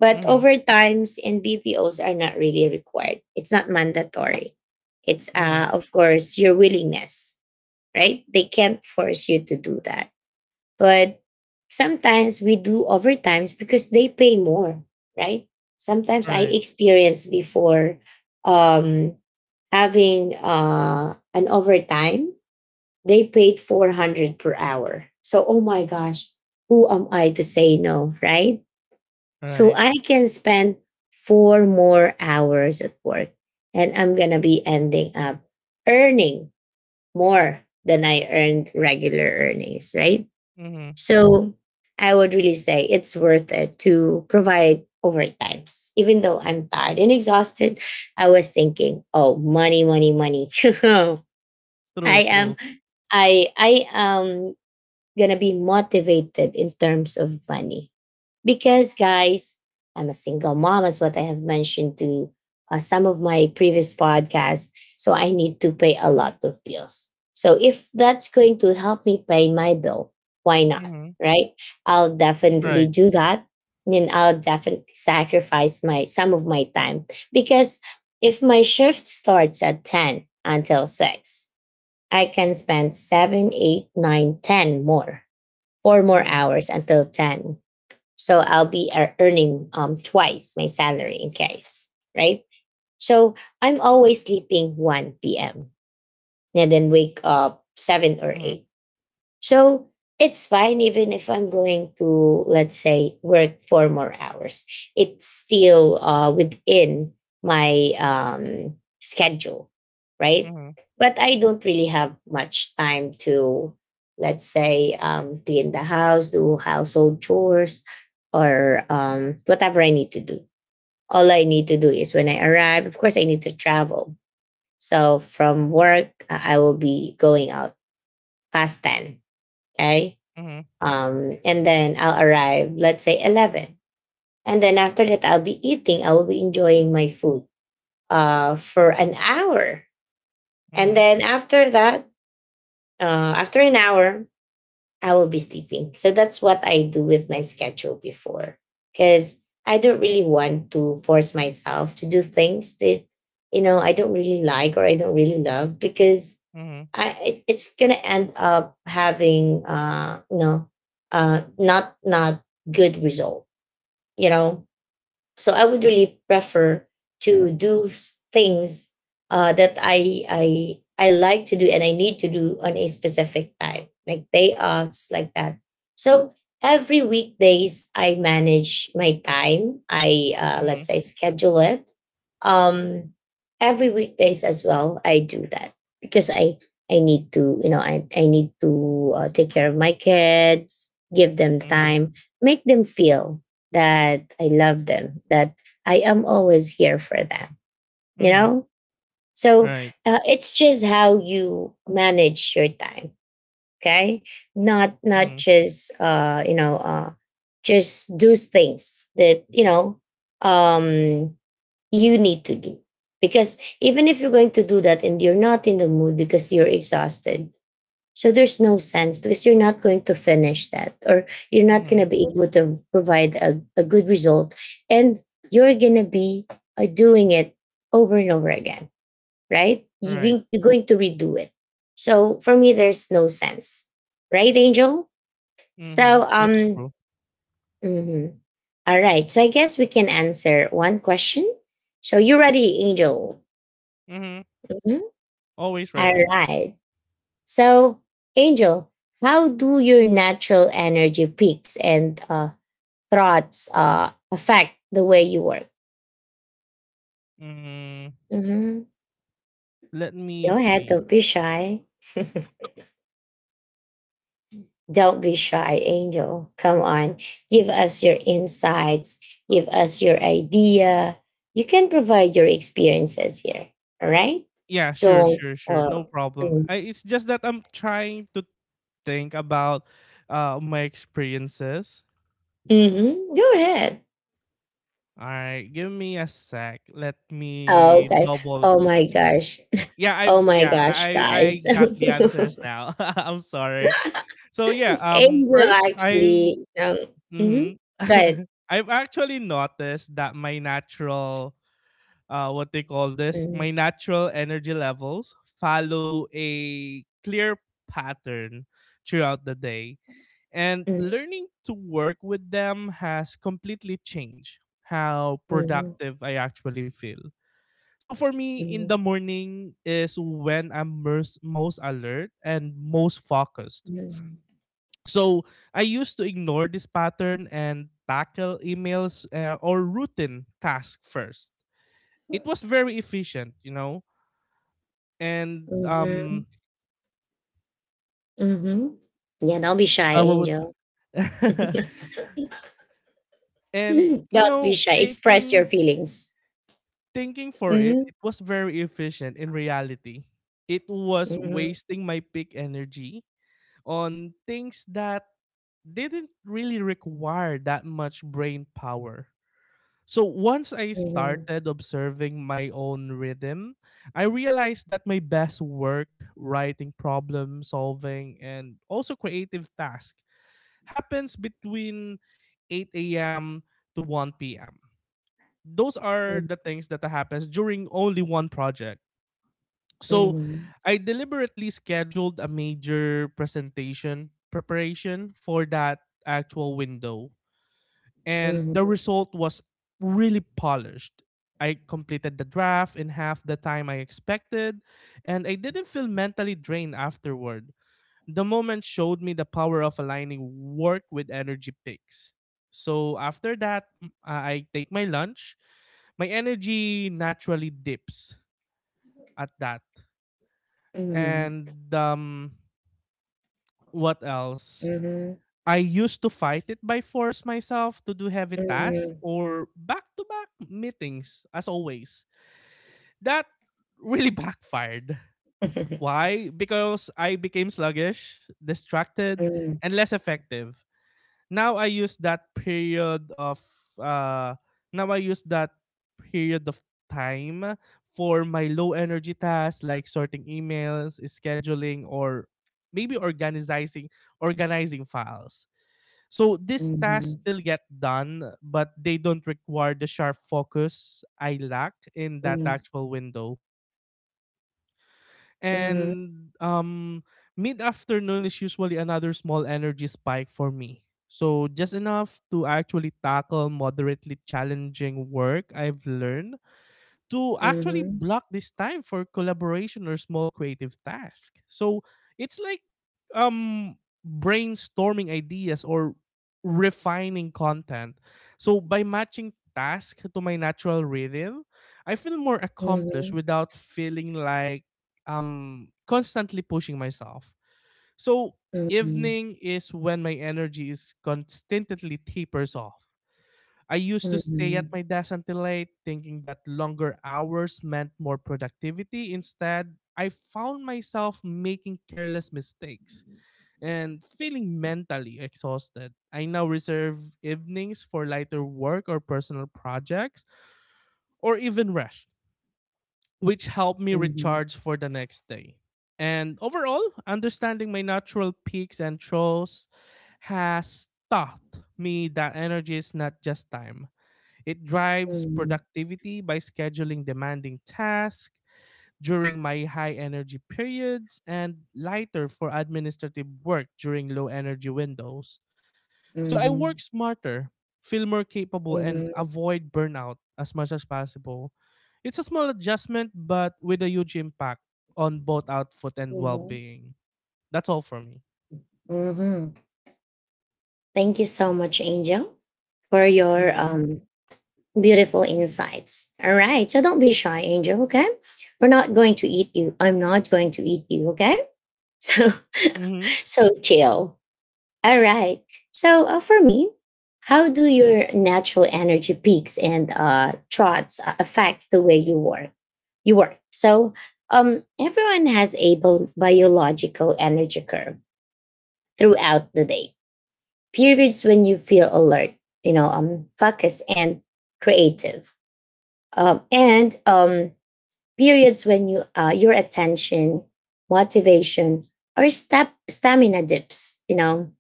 Speaker 1: But
Speaker 2: Mhm,
Speaker 1: overtimes and bpos are not really required, it's not mandatory, it's
Speaker 2: mhm,
Speaker 1: of course your willingness, right? They can't force you to do that. But sometimes we do overtimes because they pay more, right? Sometimes I
Speaker 2: Right.
Speaker 1: experienced before, um, having an overtime, they paid 400 per hour. So, oh my gosh, who am I to say no, right? So
Speaker 2: Right.
Speaker 1: I can spend four more hours at work, and I'm going to be ending up earning more than I earned regular earnings, right?
Speaker 2: Mhm.
Speaker 1: So I would really say it's worth it to provide overtimes. Even though I'm tired and exhausted, I was thinking, oh, money, money, money. I
Speaker 2: True.
Speaker 1: am
Speaker 2: True.
Speaker 1: I am gonna be motivated in terms of money. Because, guys, I'm a single mom, as what I have mentioned to, some of my previous podcasts. So I need to pay a lot of bills. So if that's going to help me pay my bill, why not?
Speaker 2: Mhm.
Speaker 1: Right? I'll definitely
Speaker 2: Right.
Speaker 1: do that. And I'll definitely sacrifice my some of my time, because if my shift starts at 10 until 6, I can spend 7, 8, 9, 10 more four more
Speaker 2: Mhm.
Speaker 1: hours until 10. So I'll be earning, twice my salary in case, right? So I'm always sleeping 1 p.m. and then wake up 7 or
Speaker 2: Mhm.
Speaker 1: 8. So it's fine even if I'm going to, let's say, work four more hours. It's still within my, schedule, right?
Speaker 2: Mhm.
Speaker 1: But I don't really have much time to, let's say, clean the house, do household chores, or whatever I need to do. All I need to do is when I arrive, of course, I need to travel. So from work, I will be going out past 10. Okay,
Speaker 2: Mhm.
Speaker 1: and then I'll arrive, let's say 11, and then after that I'll be eating. I will be enjoying my food for an hour, and
Speaker 2: Mhm.
Speaker 1: then after that, after an hour, I will be sleeping. So that's what I do with my schedule before, because I don't really want to force myself to do things that, you know, I don't really like or I don't really love, because
Speaker 2: Mhm.
Speaker 1: it's gonna end up having, you know, not good result, you know. So I would really prefer to do things, that I like to do and I need to do on a specific time, like day offs like that. So every weekdays I manage my time, I let's
Speaker 2: Mhm,
Speaker 1: say schedule it. um every weekdays as well I do that, because I need to, you know, I need to, take care of my kids, give them
Speaker 2: mhm,
Speaker 1: time, make them feel that I love them, that I am always here for them, you
Speaker 2: mhm,
Speaker 1: know? So,
Speaker 2: right,
Speaker 1: it's just how you manage your time, okay? Not
Speaker 2: mhm,
Speaker 1: just, just do things that, you know, um you need to do. Because even if you're going to do that and you're not in the mood because you're exhausted, so there's no sense, because you're not going to finish that or you're not going
Speaker 2: mhm,
Speaker 1: to be able to provide a good result. And you're going to be, doing it over and over again, right?
Speaker 2: right,
Speaker 1: You're going to redo it. So for me, there's no sense, right, Angel? So,
Speaker 2: mhm, that's true,
Speaker 1: mhm. all right. So I guess we can answer one question. So you ready, Angel?
Speaker 2: mhm,
Speaker 1: Mhm.
Speaker 2: always
Speaker 1: All
Speaker 2: ready.
Speaker 1: right. So, Angel, how do your natural energy peaks and, thoughts affect the way you work?
Speaker 2: Mm,
Speaker 1: Hmm.
Speaker 2: let me
Speaker 1: Go ahead, don't
Speaker 2: see.
Speaker 1: be shy. Don't be shy, Angel. Come on, give us your insights, give us your idea. You can provide your experiences here. All right?
Speaker 2: Yeah, sure,
Speaker 1: Don't.
Speaker 2: sure, sure, no problem. I, it's just that I'm trying to think about my experiences.
Speaker 1: Mm-hmm. Go ahead.
Speaker 2: All right, give me a sec. Let
Speaker 1: Oh,
Speaker 2: me
Speaker 1: okay.
Speaker 2: double
Speaker 1: Oh my
Speaker 2: check.
Speaker 1: gosh.
Speaker 2: Yeah, I
Speaker 1: Oh my
Speaker 2: yeah,
Speaker 1: gosh,
Speaker 2: I I
Speaker 1: guys.
Speaker 2: got the answers now. I'm sorry. So yeah,
Speaker 1: Angel
Speaker 2: first I.
Speaker 1: actually, mhm,
Speaker 2: Mhm.
Speaker 1: go ahead.
Speaker 2: I've actually noticed that my natural what they call this, my
Speaker 1: Mhm,
Speaker 2: natural energy levels follow a clear pattern throughout the day. And
Speaker 1: mhm,
Speaker 2: learning to work with them has completely changed how
Speaker 1: mhm,
Speaker 2: productive I actually feel. So for me, in
Speaker 1: mhm,
Speaker 2: the morning is when I'm most alert and most focused.
Speaker 1: mhm,
Speaker 2: So I used to ignore this pattern and tackle emails or routine tasks first. It was very efficient, you know, and
Speaker 1: mhm, mhm. Yeah, don't be shy,
Speaker 2: I would,
Speaker 1: Angel.
Speaker 2: and you
Speaker 1: Don't be
Speaker 2: know,
Speaker 1: shy. Express your
Speaker 2: thinking
Speaker 1: feelings.
Speaker 2: thinking for it,
Speaker 1: Mhm,
Speaker 2: it was very efficient. In reality, it was
Speaker 1: mhm,
Speaker 2: wasting my peak energy on things that didn't really require that much brain power. So once I
Speaker 1: mhm,
Speaker 2: started observing my own rhythm, I realized that my best work, writing, problem solving, and also creative tasks happens between 8 a.m. to 1 p.m. Those are
Speaker 1: mhm,
Speaker 2: the things that happens during only one project. So I deliberately scheduled a major presentation preparation for that actual window, and
Speaker 1: mhm,
Speaker 2: the result was really polished. I completed the draft in half the time I expected, and I didn't feel mentally drained afterward. The moment showed me the power of aligning work with energy picks. So after that, I take my lunch. My energy naturally dips at that.
Speaker 1: mhm, mhm,
Speaker 2: And what else?
Speaker 1: mhm,
Speaker 2: I used to fight it by force myself to do heavy tasks
Speaker 1: mhm,
Speaker 2: or back to back meetings, as always. That really backfired. Why? Because I became sluggish, distracted,
Speaker 1: mhm,
Speaker 2: and less effective. Now I use that period of uh Now I use that period of time for my low energy tasks like sorting emails, scheduling, or maybe organizing files, so these
Speaker 1: mhm,
Speaker 2: tasks still get done, but they don't require the sharp focus I lack in that actual window.
Speaker 1: mhm,
Speaker 2: And mid afternoon is usually another small energy spike for me. So just enough to actually tackle moderately challenging work. I've learned to
Speaker 1: mhm,
Speaker 2: actually
Speaker 1: mhm,
Speaker 2: block this time for collaboration or small creative task. So it's like um brainstorming ideas or refining content. So by matching task to my natural rhythm, I feel more accomplished without feeling like constantly pushing myself. So evening is when my energy is constantly tapers off. I used to
Speaker 1: mhm,
Speaker 2: stay at
Speaker 1: mhm,
Speaker 2: my desk until late, thinking that longer hours meant more productivity. Instead, I found myself making careless mistakes and feeling mentally exhausted. I now reserve evenings for lighter work or personal projects or even rest, which help me
Speaker 1: mhm,
Speaker 2: recharge for the next day. And overall, understanding my natural peaks and troughs has taught me that energy is not just time, it drives
Speaker 1: mhm.
Speaker 2: productivity by scheduling demanding tasks during my high energy periods and lighter for administrative work during low energy windows. So I work
Speaker 1: Mhm.
Speaker 2: smarter, feel more capable, and
Speaker 1: Mhm.
Speaker 2: avoid burnout as much as possible. It's a small adjustment, but with a huge impact on both output and well
Speaker 1: Mhm.
Speaker 2: being. That's all for me.
Speaker 1: Mhm. Thank you so much, Angel, for your,
Speaker 2: Mm-hmm.
Speaker 1: beautiful insights. All right. So don't be shy, Angel, okay? We're not going to eat you. I'm not going to eat you, okay? So,
Speaker 2: Mm-hmm.
Speaker 1: so chill. All right. So for me, how do your natural energy peaks and, trots affect the way you work? So everyone has a biological energy curve throughout the day. Periods when you feel alert, you know, focused and creative, and periods when you, your attention, motivation, or step stamina dips. You know,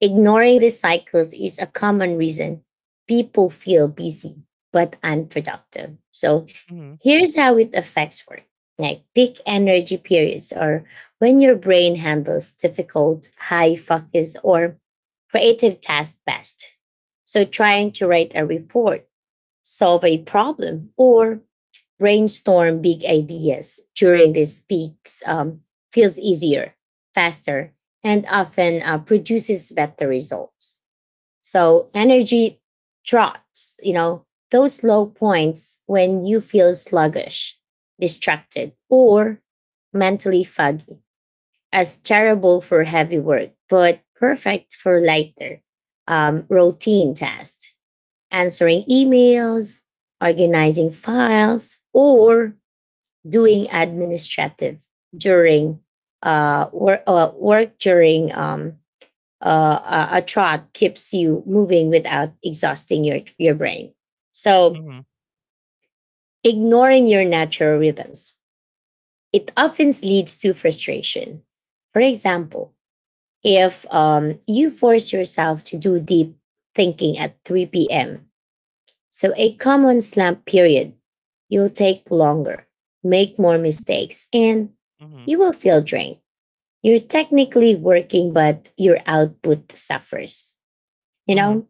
Speaker 1: ignoring these cycles is a common reason people feel busy but unproductive. So here's how it affects work. Like, peak energy periods, or when your brain handles difficult, high focus or creative tasks best. So trying to write a report, solve a problem, or brainstorm big ideas during these peaks, feels easier, faster, and often, produces better results. So energy drops, you know, those low points when you feel sluggish, distracted, or mentally foggy, as terrible for heavy work, but perfect for lighter, routine tasks, answering emails, organizing files, or doing administrative during, work during, uh, a trot keeps you moving without exhausting your brain. So,
Speaker 2: Mm-hmm.
Speaker 1: ignoring your natural rhythms, it often leads to frustration. For example, if, you force yourself to do deep thinking at 3 p.m., so a common slump period, you'll take longer, make more mistakes, and
Speaker 2: Mm-hmm.
Speaker 1: you will feel drained. You're technically working, but your output suffers, you
Speaker 2: Mm-hmm.
Speaker 1: know?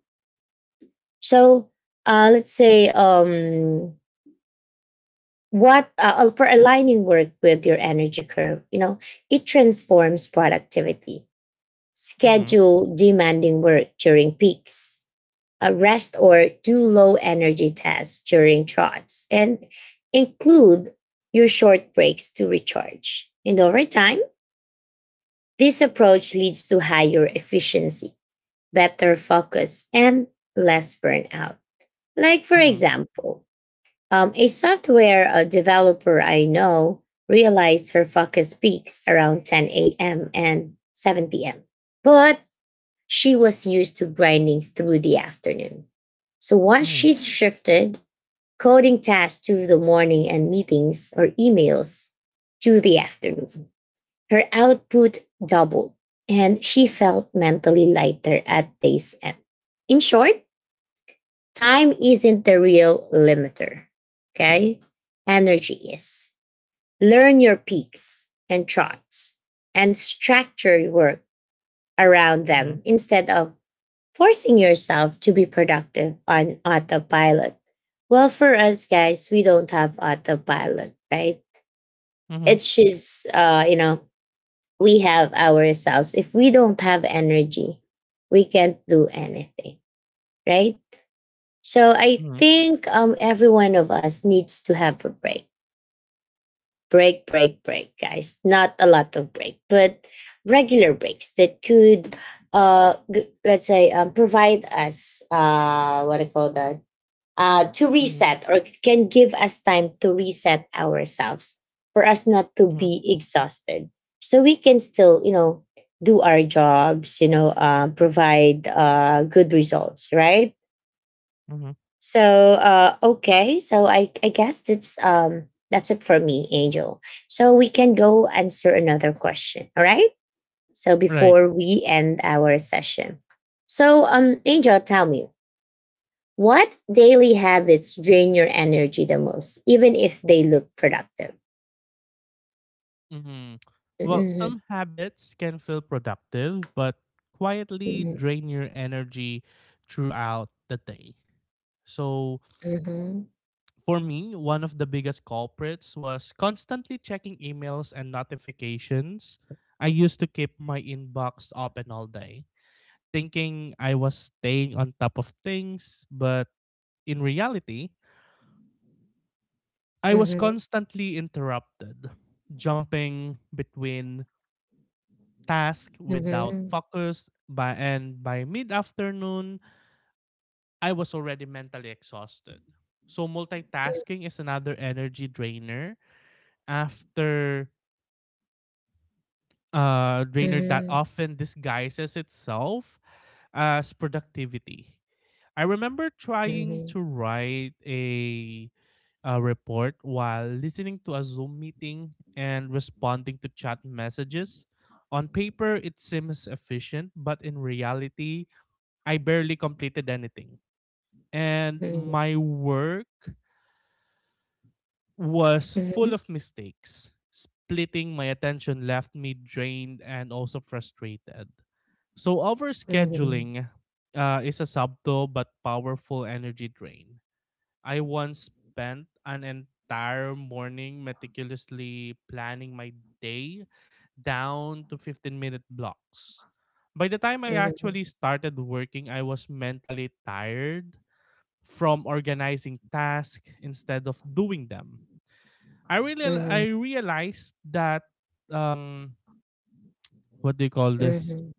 Speaker 1: So, let's say, what for aligning work with your energy curve, you know, it transforms productivity.
Speaker 2: Mm-hmm.
Speaker 1: Schedule demanding work during peaks, rest or do low energy tasks during trots, and include your short breaks to recharge. And over time, this approach leads to higher efficiency, better focus, and less burnout. Like, for
Speaker 2: Mm-hmm.
Speaker 1: example, a software developer I know realized her focus peaks around 10 a.m. and 7 p.m., but she was used to grinding through the afternoon. So once
Speaker 2: Mm-hmm.
Speaker 1: she
Speaker 2: Mm-hmm.
Speaker 1: shifted coding tasks to the morning and meetings or emails to the afternoon, her output doubled, and she felt mentally lighter at day's end. In short, time isn't the real limiter. Okay? Energy is. Learn your peaks and troughs and structure your work around
Speaker 2: Mm-hmm.
Speaker 1: them, instead of forcing yourself to be productive on autopilot. Well, for us guys, we don't have autopilot, right?
Speaker 2: Mm-hmm.
Speaker 1: It's just, you know, we have ourselves. If we don't have energy, we can't do anything, right? So I
Speaker 2: Mm-hmm.
Speaker 1: think every one of us needs to have a break. Break, break, break, guys. Not a lot of break, but regular breaks that could, let's say, provide us, what I call that, to
Speaker 2: Mm-hmm.
Speaker 1: reset or can give us time to reset ourselves for us not to
Speaker 2: Mhm,
Speaker 1: be exhausted so we can still do our jobs. Provide good results, right?
Speaker 2: mhm.
Speaker 1: So okay, I guess that's that's it for me, Angel. So we can go answer another question. All right, so
Speaker 2: Right.
Speaker 1: before we end our session, so um, Angel, tell me, what daily habits drain your energy the most, even if they look productive?
Speaker 2: Mhm. Well,
Speaker 1: Mhm,
Speaker 2: some habits can feel productive, but quietly
Speaker 1: mhm,
Speaker 2: drain your energy throughout the day. So,
Speaker 1: mhm,
Speaker 2: for me, one of the biggest culprits was constantly checking emails and notifications. I used to keep my inbox open all day, thinking I was staying on top of things, but in reality, I was
Speaker 1: mhm,
Speaker 2: constantly interrupted, jumping between task without
Speaker 1: mhm,
Speaker 2: focus by mid-afternoon I was already mentally exhausted. So multitasking is another energy drainer after drainer that
Speaker 1: mhm,
Speaker 2: often disguises itself as productivity. I remember trying
Speaker 1: mhm,
Speaker 2: to write a report while listening to a Zoom meeting and responding to chat messages. On paper, it seems efficient, but in reality, I barely completed anything. And my work was full
Speaker 1: mhm,
Speaker 2: of mistakes. Splitting my attention left me drained and also frustrated. So,
Speaker 1: mhm,
Speaker 2: overscheduling is a subtle but powerful energy drain. I once spent an entire morning meticulously planning my day down to 15 minute blocks. By the time I
Speaker 1: mhm,
Speaker 2: actually started working, I was mentally tired from organizing tasks instead of doing them. I
Speaker 1: mhm,
Speaker 2: realized that um what do you call this?
Speaker 1: mhm,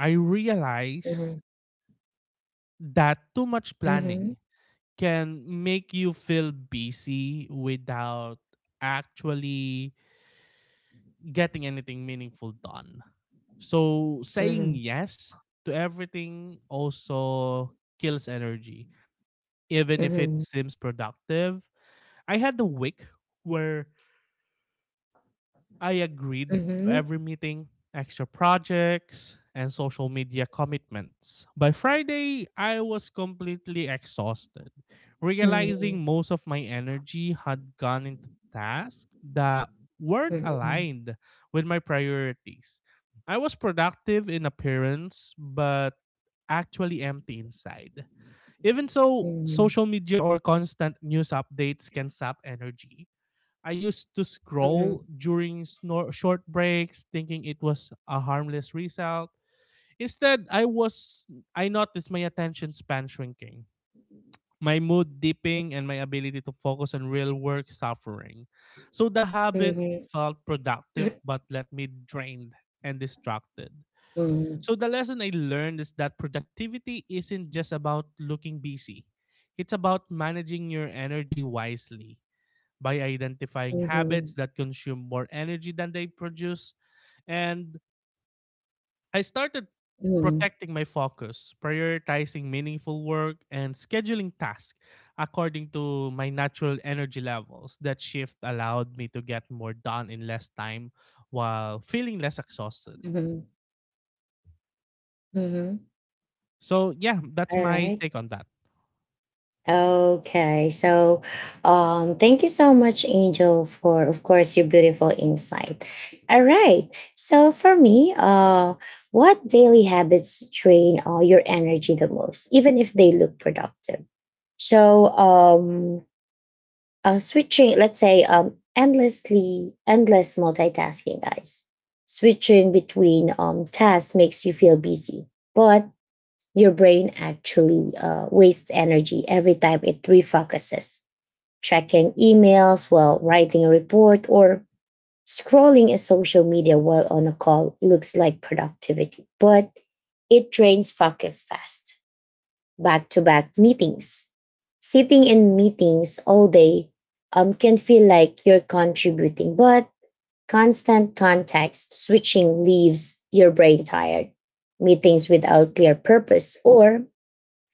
Speaker 2: I
Speaker 1: mhm,
Speaker 2: realized
Speaker 1: mhm,
Speaker 2: that too much
Speaker 1: mhm,
Speaker 2: planning can make you feel busy without actually getting anything meaningful done. So saying
Speaker 1: mhm,
Speaker 2: yes to everything also kills energy, even
Speaker 1: mhm,
Speaker 2: if it
Speaker 1: mhm,
Speaker 2: seems productive. I had the week where I
Speaker 1: mhm,
Speaker 2: agreed
Speaker 1: mhm, mhm, mhm, mhm, mhm,
Speaker 2: to
Speaker 1: mhm, mhm,
Speaker 2: every meeting, extra projects, and social media commitments. By Friday, I was completely exhausted, realizing
Speaker 1: mhm,
Speaker 2: most of my energy had gone into tasks that weren't aligned with my priorities. I was productive in appearance, but actually empty inside. Even so, social media or constant news updates can sap energy. I used to scroll during short breaks, thinking it was a harmless result. Instead, I noticed my attention span shrinking, my mood dipping, and my ability to focus on real work suffering. So the habit felt productive but left me drained and distracted. So the lesson I learned is that productivity isn't just about looking busy. It's about managing your energy wisely by identifying habits that consume more energy than they produce. And I started protecting my focus, prioritizing meaningful work, and scheduling tasks according to my natural energy levels. That shift allowed me to get more done in less time while feeling less exhausted.
Speaker 1: mhm.
Speaker 2: So yeah, that's
Speaker 1: All
Speaker 2: my
Speaker 1: right.
Speaker 2: take on that.
Speaker 1: Okay, so thank you so much, Angel, for of course your beautiful insight. All right, so for me, what daily habits drain your energy the most, even if they look productive? So, switching, let's say, endlessly, endless multitasking, guys. Switching between tasks makes you feel busy, but your brain actually wastes energy every time it refocuses. Checking emails while writing a report or scrolling in social media while on a call looks like productivity, but it drains focus fast. Back to back meetings. Sitting in meetings all day can feel like you're contributing, but constant context switching leaves your brain tired. Meetings without clear purpose or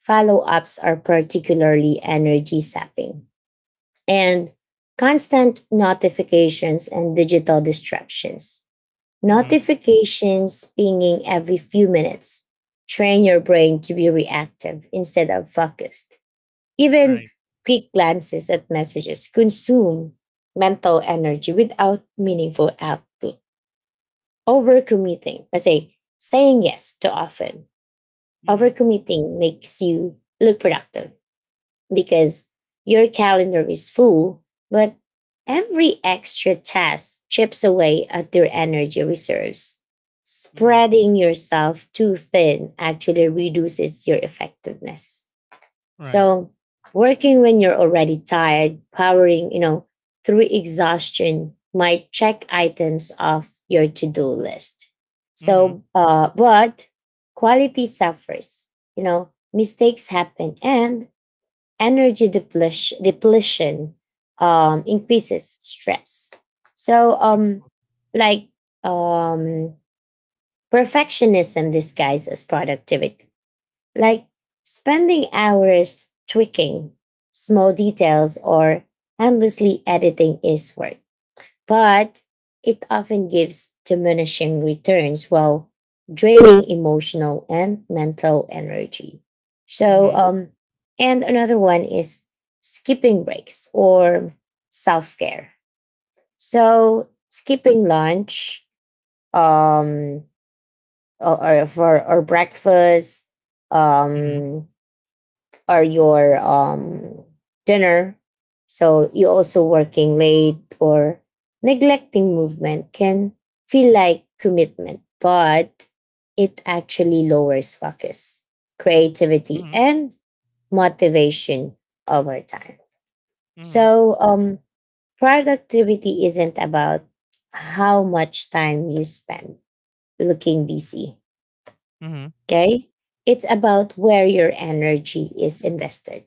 Speaker 1: follow ups are particularly energy sapping, and constant notifications and digital distractions.
Speaker 2: Mm-hmm.
Speaker 1: Notifications pinging every few minutes train your brain to be reactive instead of focused. Even
Speaker 2: Right.
Speaker 1: quick glances at messages consume mental energy without meaningful output. Overcommitting, kasi saying yes too often,
Speaker 2: Mm-hmm.
Speaker 1: overcommitting makes you look productive because your calendar is full, but every extra task chips away at your energy reserves.
Speaker 2: Mm-hmm.
Speaker 1: Spreading yourself too thin actually reduces your effectiveness.
Speaker 2: Right.
Speaker 1: So, working when you're already tired, powering, through exhaustion might check items off your to-do list.
Speaker 2: Mm-hmm.
Speaker 1: But quality suffers. You know, mistakes happen, and energy depletion increases stress. So,
Speaker 2: That's cool.
Speaker 1: like um, perfectionism disguises productivity, like spending hours tweaking small details or endlessly editing is work, but it often gives diminishing returns while draining emotional and mental energy. So,
Speaker 2: Mm-hmm.
Speaker 1: and another one is skipping breaks or self care. So, skipping lunch, um, or breakfast,
Speaker 2: Mm-hmm.
Speaker 1: um, or your dinner. So you also working late or neglecting movement can feel like commitment, but it actually lowers focus, creativity,
Speaker 2: Mm-hmm.
Speaker 1: and motivation over time.
Speaker 2: Mm-hmm.
Speaker 1: So productivity isn't about how much time you spend looking busy.
Speaker 2: Mm-hmm.
Speaker 1: Okay. It's about where your energy is invested.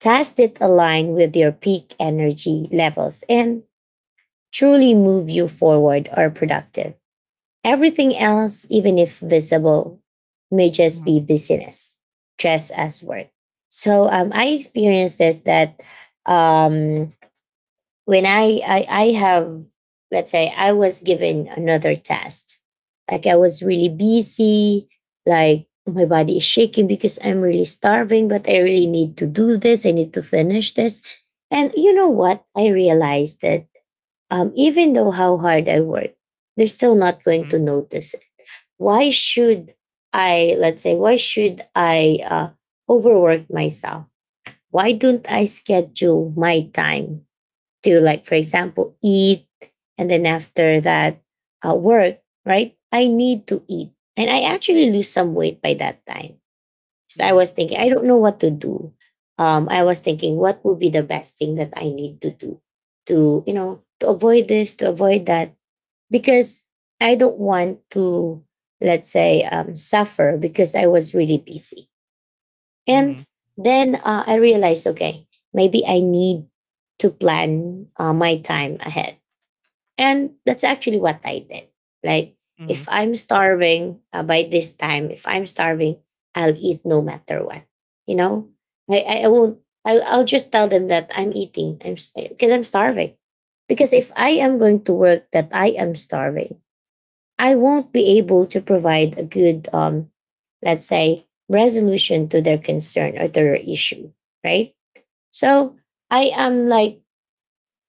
Speaker 1: Tasks that align with your peak energy levels and truly move you forward are productive. Everything else, even if visible, may just be business, just as work. So I experienced this, that um, when I have, let's say, I was given another test, like I was really busy, like my body is shaking because I'm really starving, but I really need to do this. I need to finish this, and you know what? I realized that even though how hard I work, they're still not going
Speaker 2: Mm-hmm.
Speaker 1: to notice. It. Why should I, let's say, why should I overwork myself? Why don't I schedule my time, do, like, for example, eat and then after that work, right? I need to eat, and I actually lose some weight by that time. So I
Speaker 2: Mm-hmm.
Speaker 1: was thinking, I don't know what to do, I was thinking what would be the best thing that I need to do to, you know, to avoid this, to avoid that, because I don't want to, let's say, suffer because I was really busy. And
Speaker 2: Mm-hmm.
Speaker 1: then I realized, okay, maybe I need to plan my time ahead. And that's actually what I did. Like,
Speaker 2: Mm-hmm. Mm-hmm.
Speaker 1: if I'm starving by this time, if I'm starving, I'll eat no matter what. You know, I won't, I'll just tell them that I'm eating, I'm because I'm starving. Because if I am going to work that I am starving, I won't be able to provide a good, let's say, resolution to their concern or to their issue, right? So I am like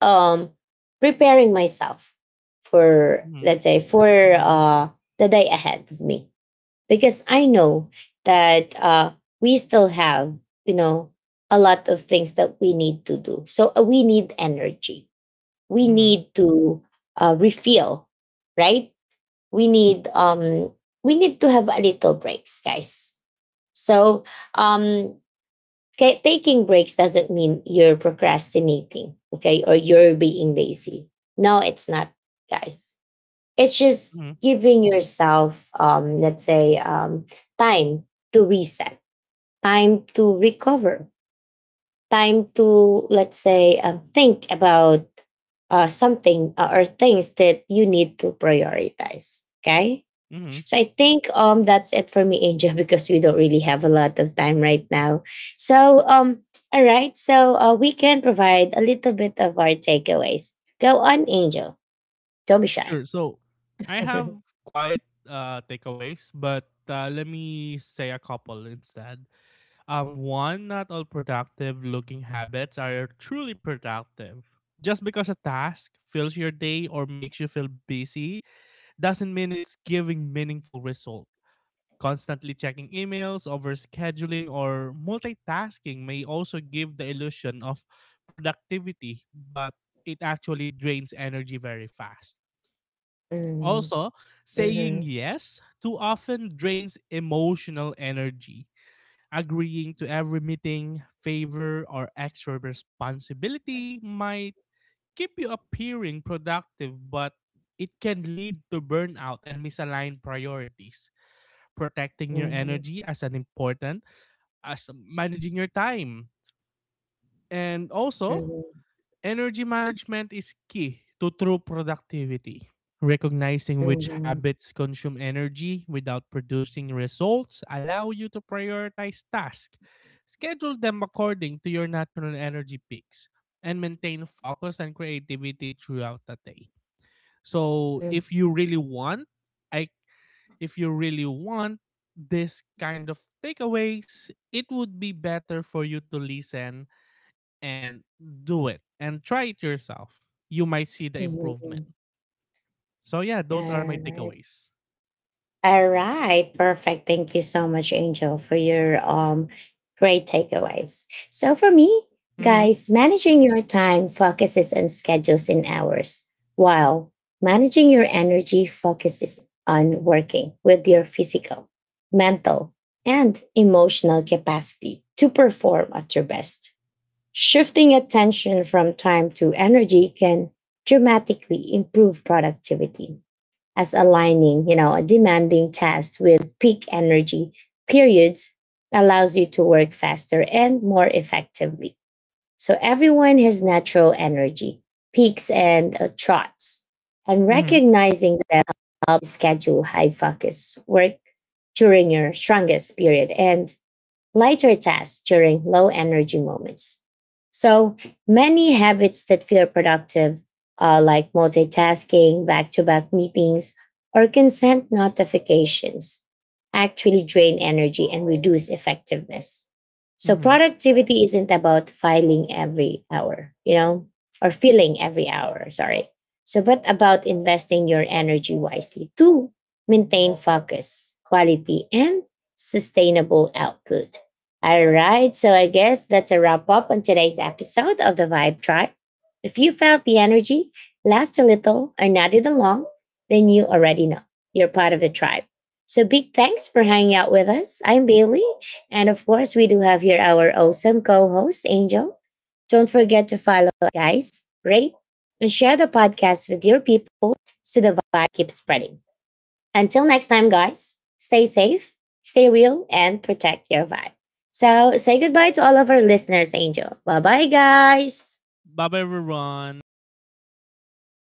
Speaker 1: um, preparing myself for,
Speaker 2: Mm-hmm.
Speaker 1: let's say, for uh, the day ahead of me because I know that we still have, you know, a lot of things that we need to do. So we need energy. We
Speaker 2: Mm-hmm.
Speaker 1: need to refill, right? We need um, we need to have a little breaks, guys. So um taking breaks doesn't mean you're procrastinating, okay, or you're being lazy. No, it's not, guys. It's just
Speaker 2: Mm-hmm,
Speaker 1: giving yourself um, let's say, um, time to reset, time to recover, time to, let's say, think about something or things that you need to prioritize, okay?
Speaker 2: mm-hmm.
Speaker 1: So I think that's it for me, Angel, because we don't really have a lot of time right now. So um, all right, so we can provide a little bit of our takeaways. Go on, Angel. Don't be shy.
Speaker 2: Sure. So I have quite takeaways, but let me say a couple instead. One, not all productive looking habits are truly productive. Just because a task fills your day or makes you feel busy doesn't mean it's giving meaningful result. Constantly checking emails, overscheduling, or multitasking may also give the illusion of productivity, but it actually drains energy very fast.
Speaker 1: Mhm,
Speaker 2: Also, saying
Speaker 1: mhm,
Speaker 2: yes too often drains emotional energy. Agreeing to every meeting, favor, or extra responsibility might keep you appearing productive, but it can lead to burnout and misaligned priorities. Protecting your
Speaker 1: mhm,
Speaker 2: energy as an important as managing your time. And also, energy management is key to true productivity. Recognizing which
Speaker 1: mhm,
Speaker 2: habits consume energy without producing results allow you to prioritize tasks, schedule them according to your natural energy peaks, and maintain focus and creativity throughout the day. So,
Speaker 1: mhm,
Speaker 2: if you really want, I if you really want this kind of takeaways, it would be better for you to listen and do it and try it yourself. You might see the
Speaker 1: mhm,
Speaker 2: improvement.
Speaker 1: mhm.
Speaker 2: So yeah, those are my
Speaker 1: All
Speaker 2: takeaways.
Speaker 1: All right, perfect. Thank you so much, Angel, for your great takeaways. So for me,
Speaker 2: Mm-hmm.
Speaker 1: guys, managing your time focuses on schedules and hours, while managing your energy focuses on working with your physical, mental, and emotional capacity to perform at your best. Shifting attention from time to energy can dramatically improve productivity, as aligning, you know, a demanding task with peak energy periods allows you to work faster and more effectively. So everyone has natural energy, peaks and troughs, and
Speaker 2: Mm-hmm.
Speaker 1: recognizing that helps schedule high focus work during your strongest period and lighter tasks during low energy moments. So many habits that feel productive, like multitasking, back to back meetings, or consent notifications, actually drain energy and reduce effectiveness. So
Speaker 2: Mm-hmm.
Speaker 1: productivity isn't about filing every hour, you know, or filling every hour, sorry. So, but about investing your energy wisely to maintain focus, quality, and sustainable output. All right, so I guess that's a wrap up on today's episode of the Vibe Tribe. If you felt the energy, laughed a little, or nodded along, then you already know you're part of the tribe. So big thanks for hanging out with us. I'm Bailey, and of course, we do have here our awesome co-host Angel. Don't forget to follow, guys, rate, and share the podcast with your people so the vibe keeps spreading. Until next time, guys, stay safe, stay real, and protect your vibe. So say goodbye to all of our listeners, Angel. Bye bye, guys.
Speaker 2: Bye bye everyone. See you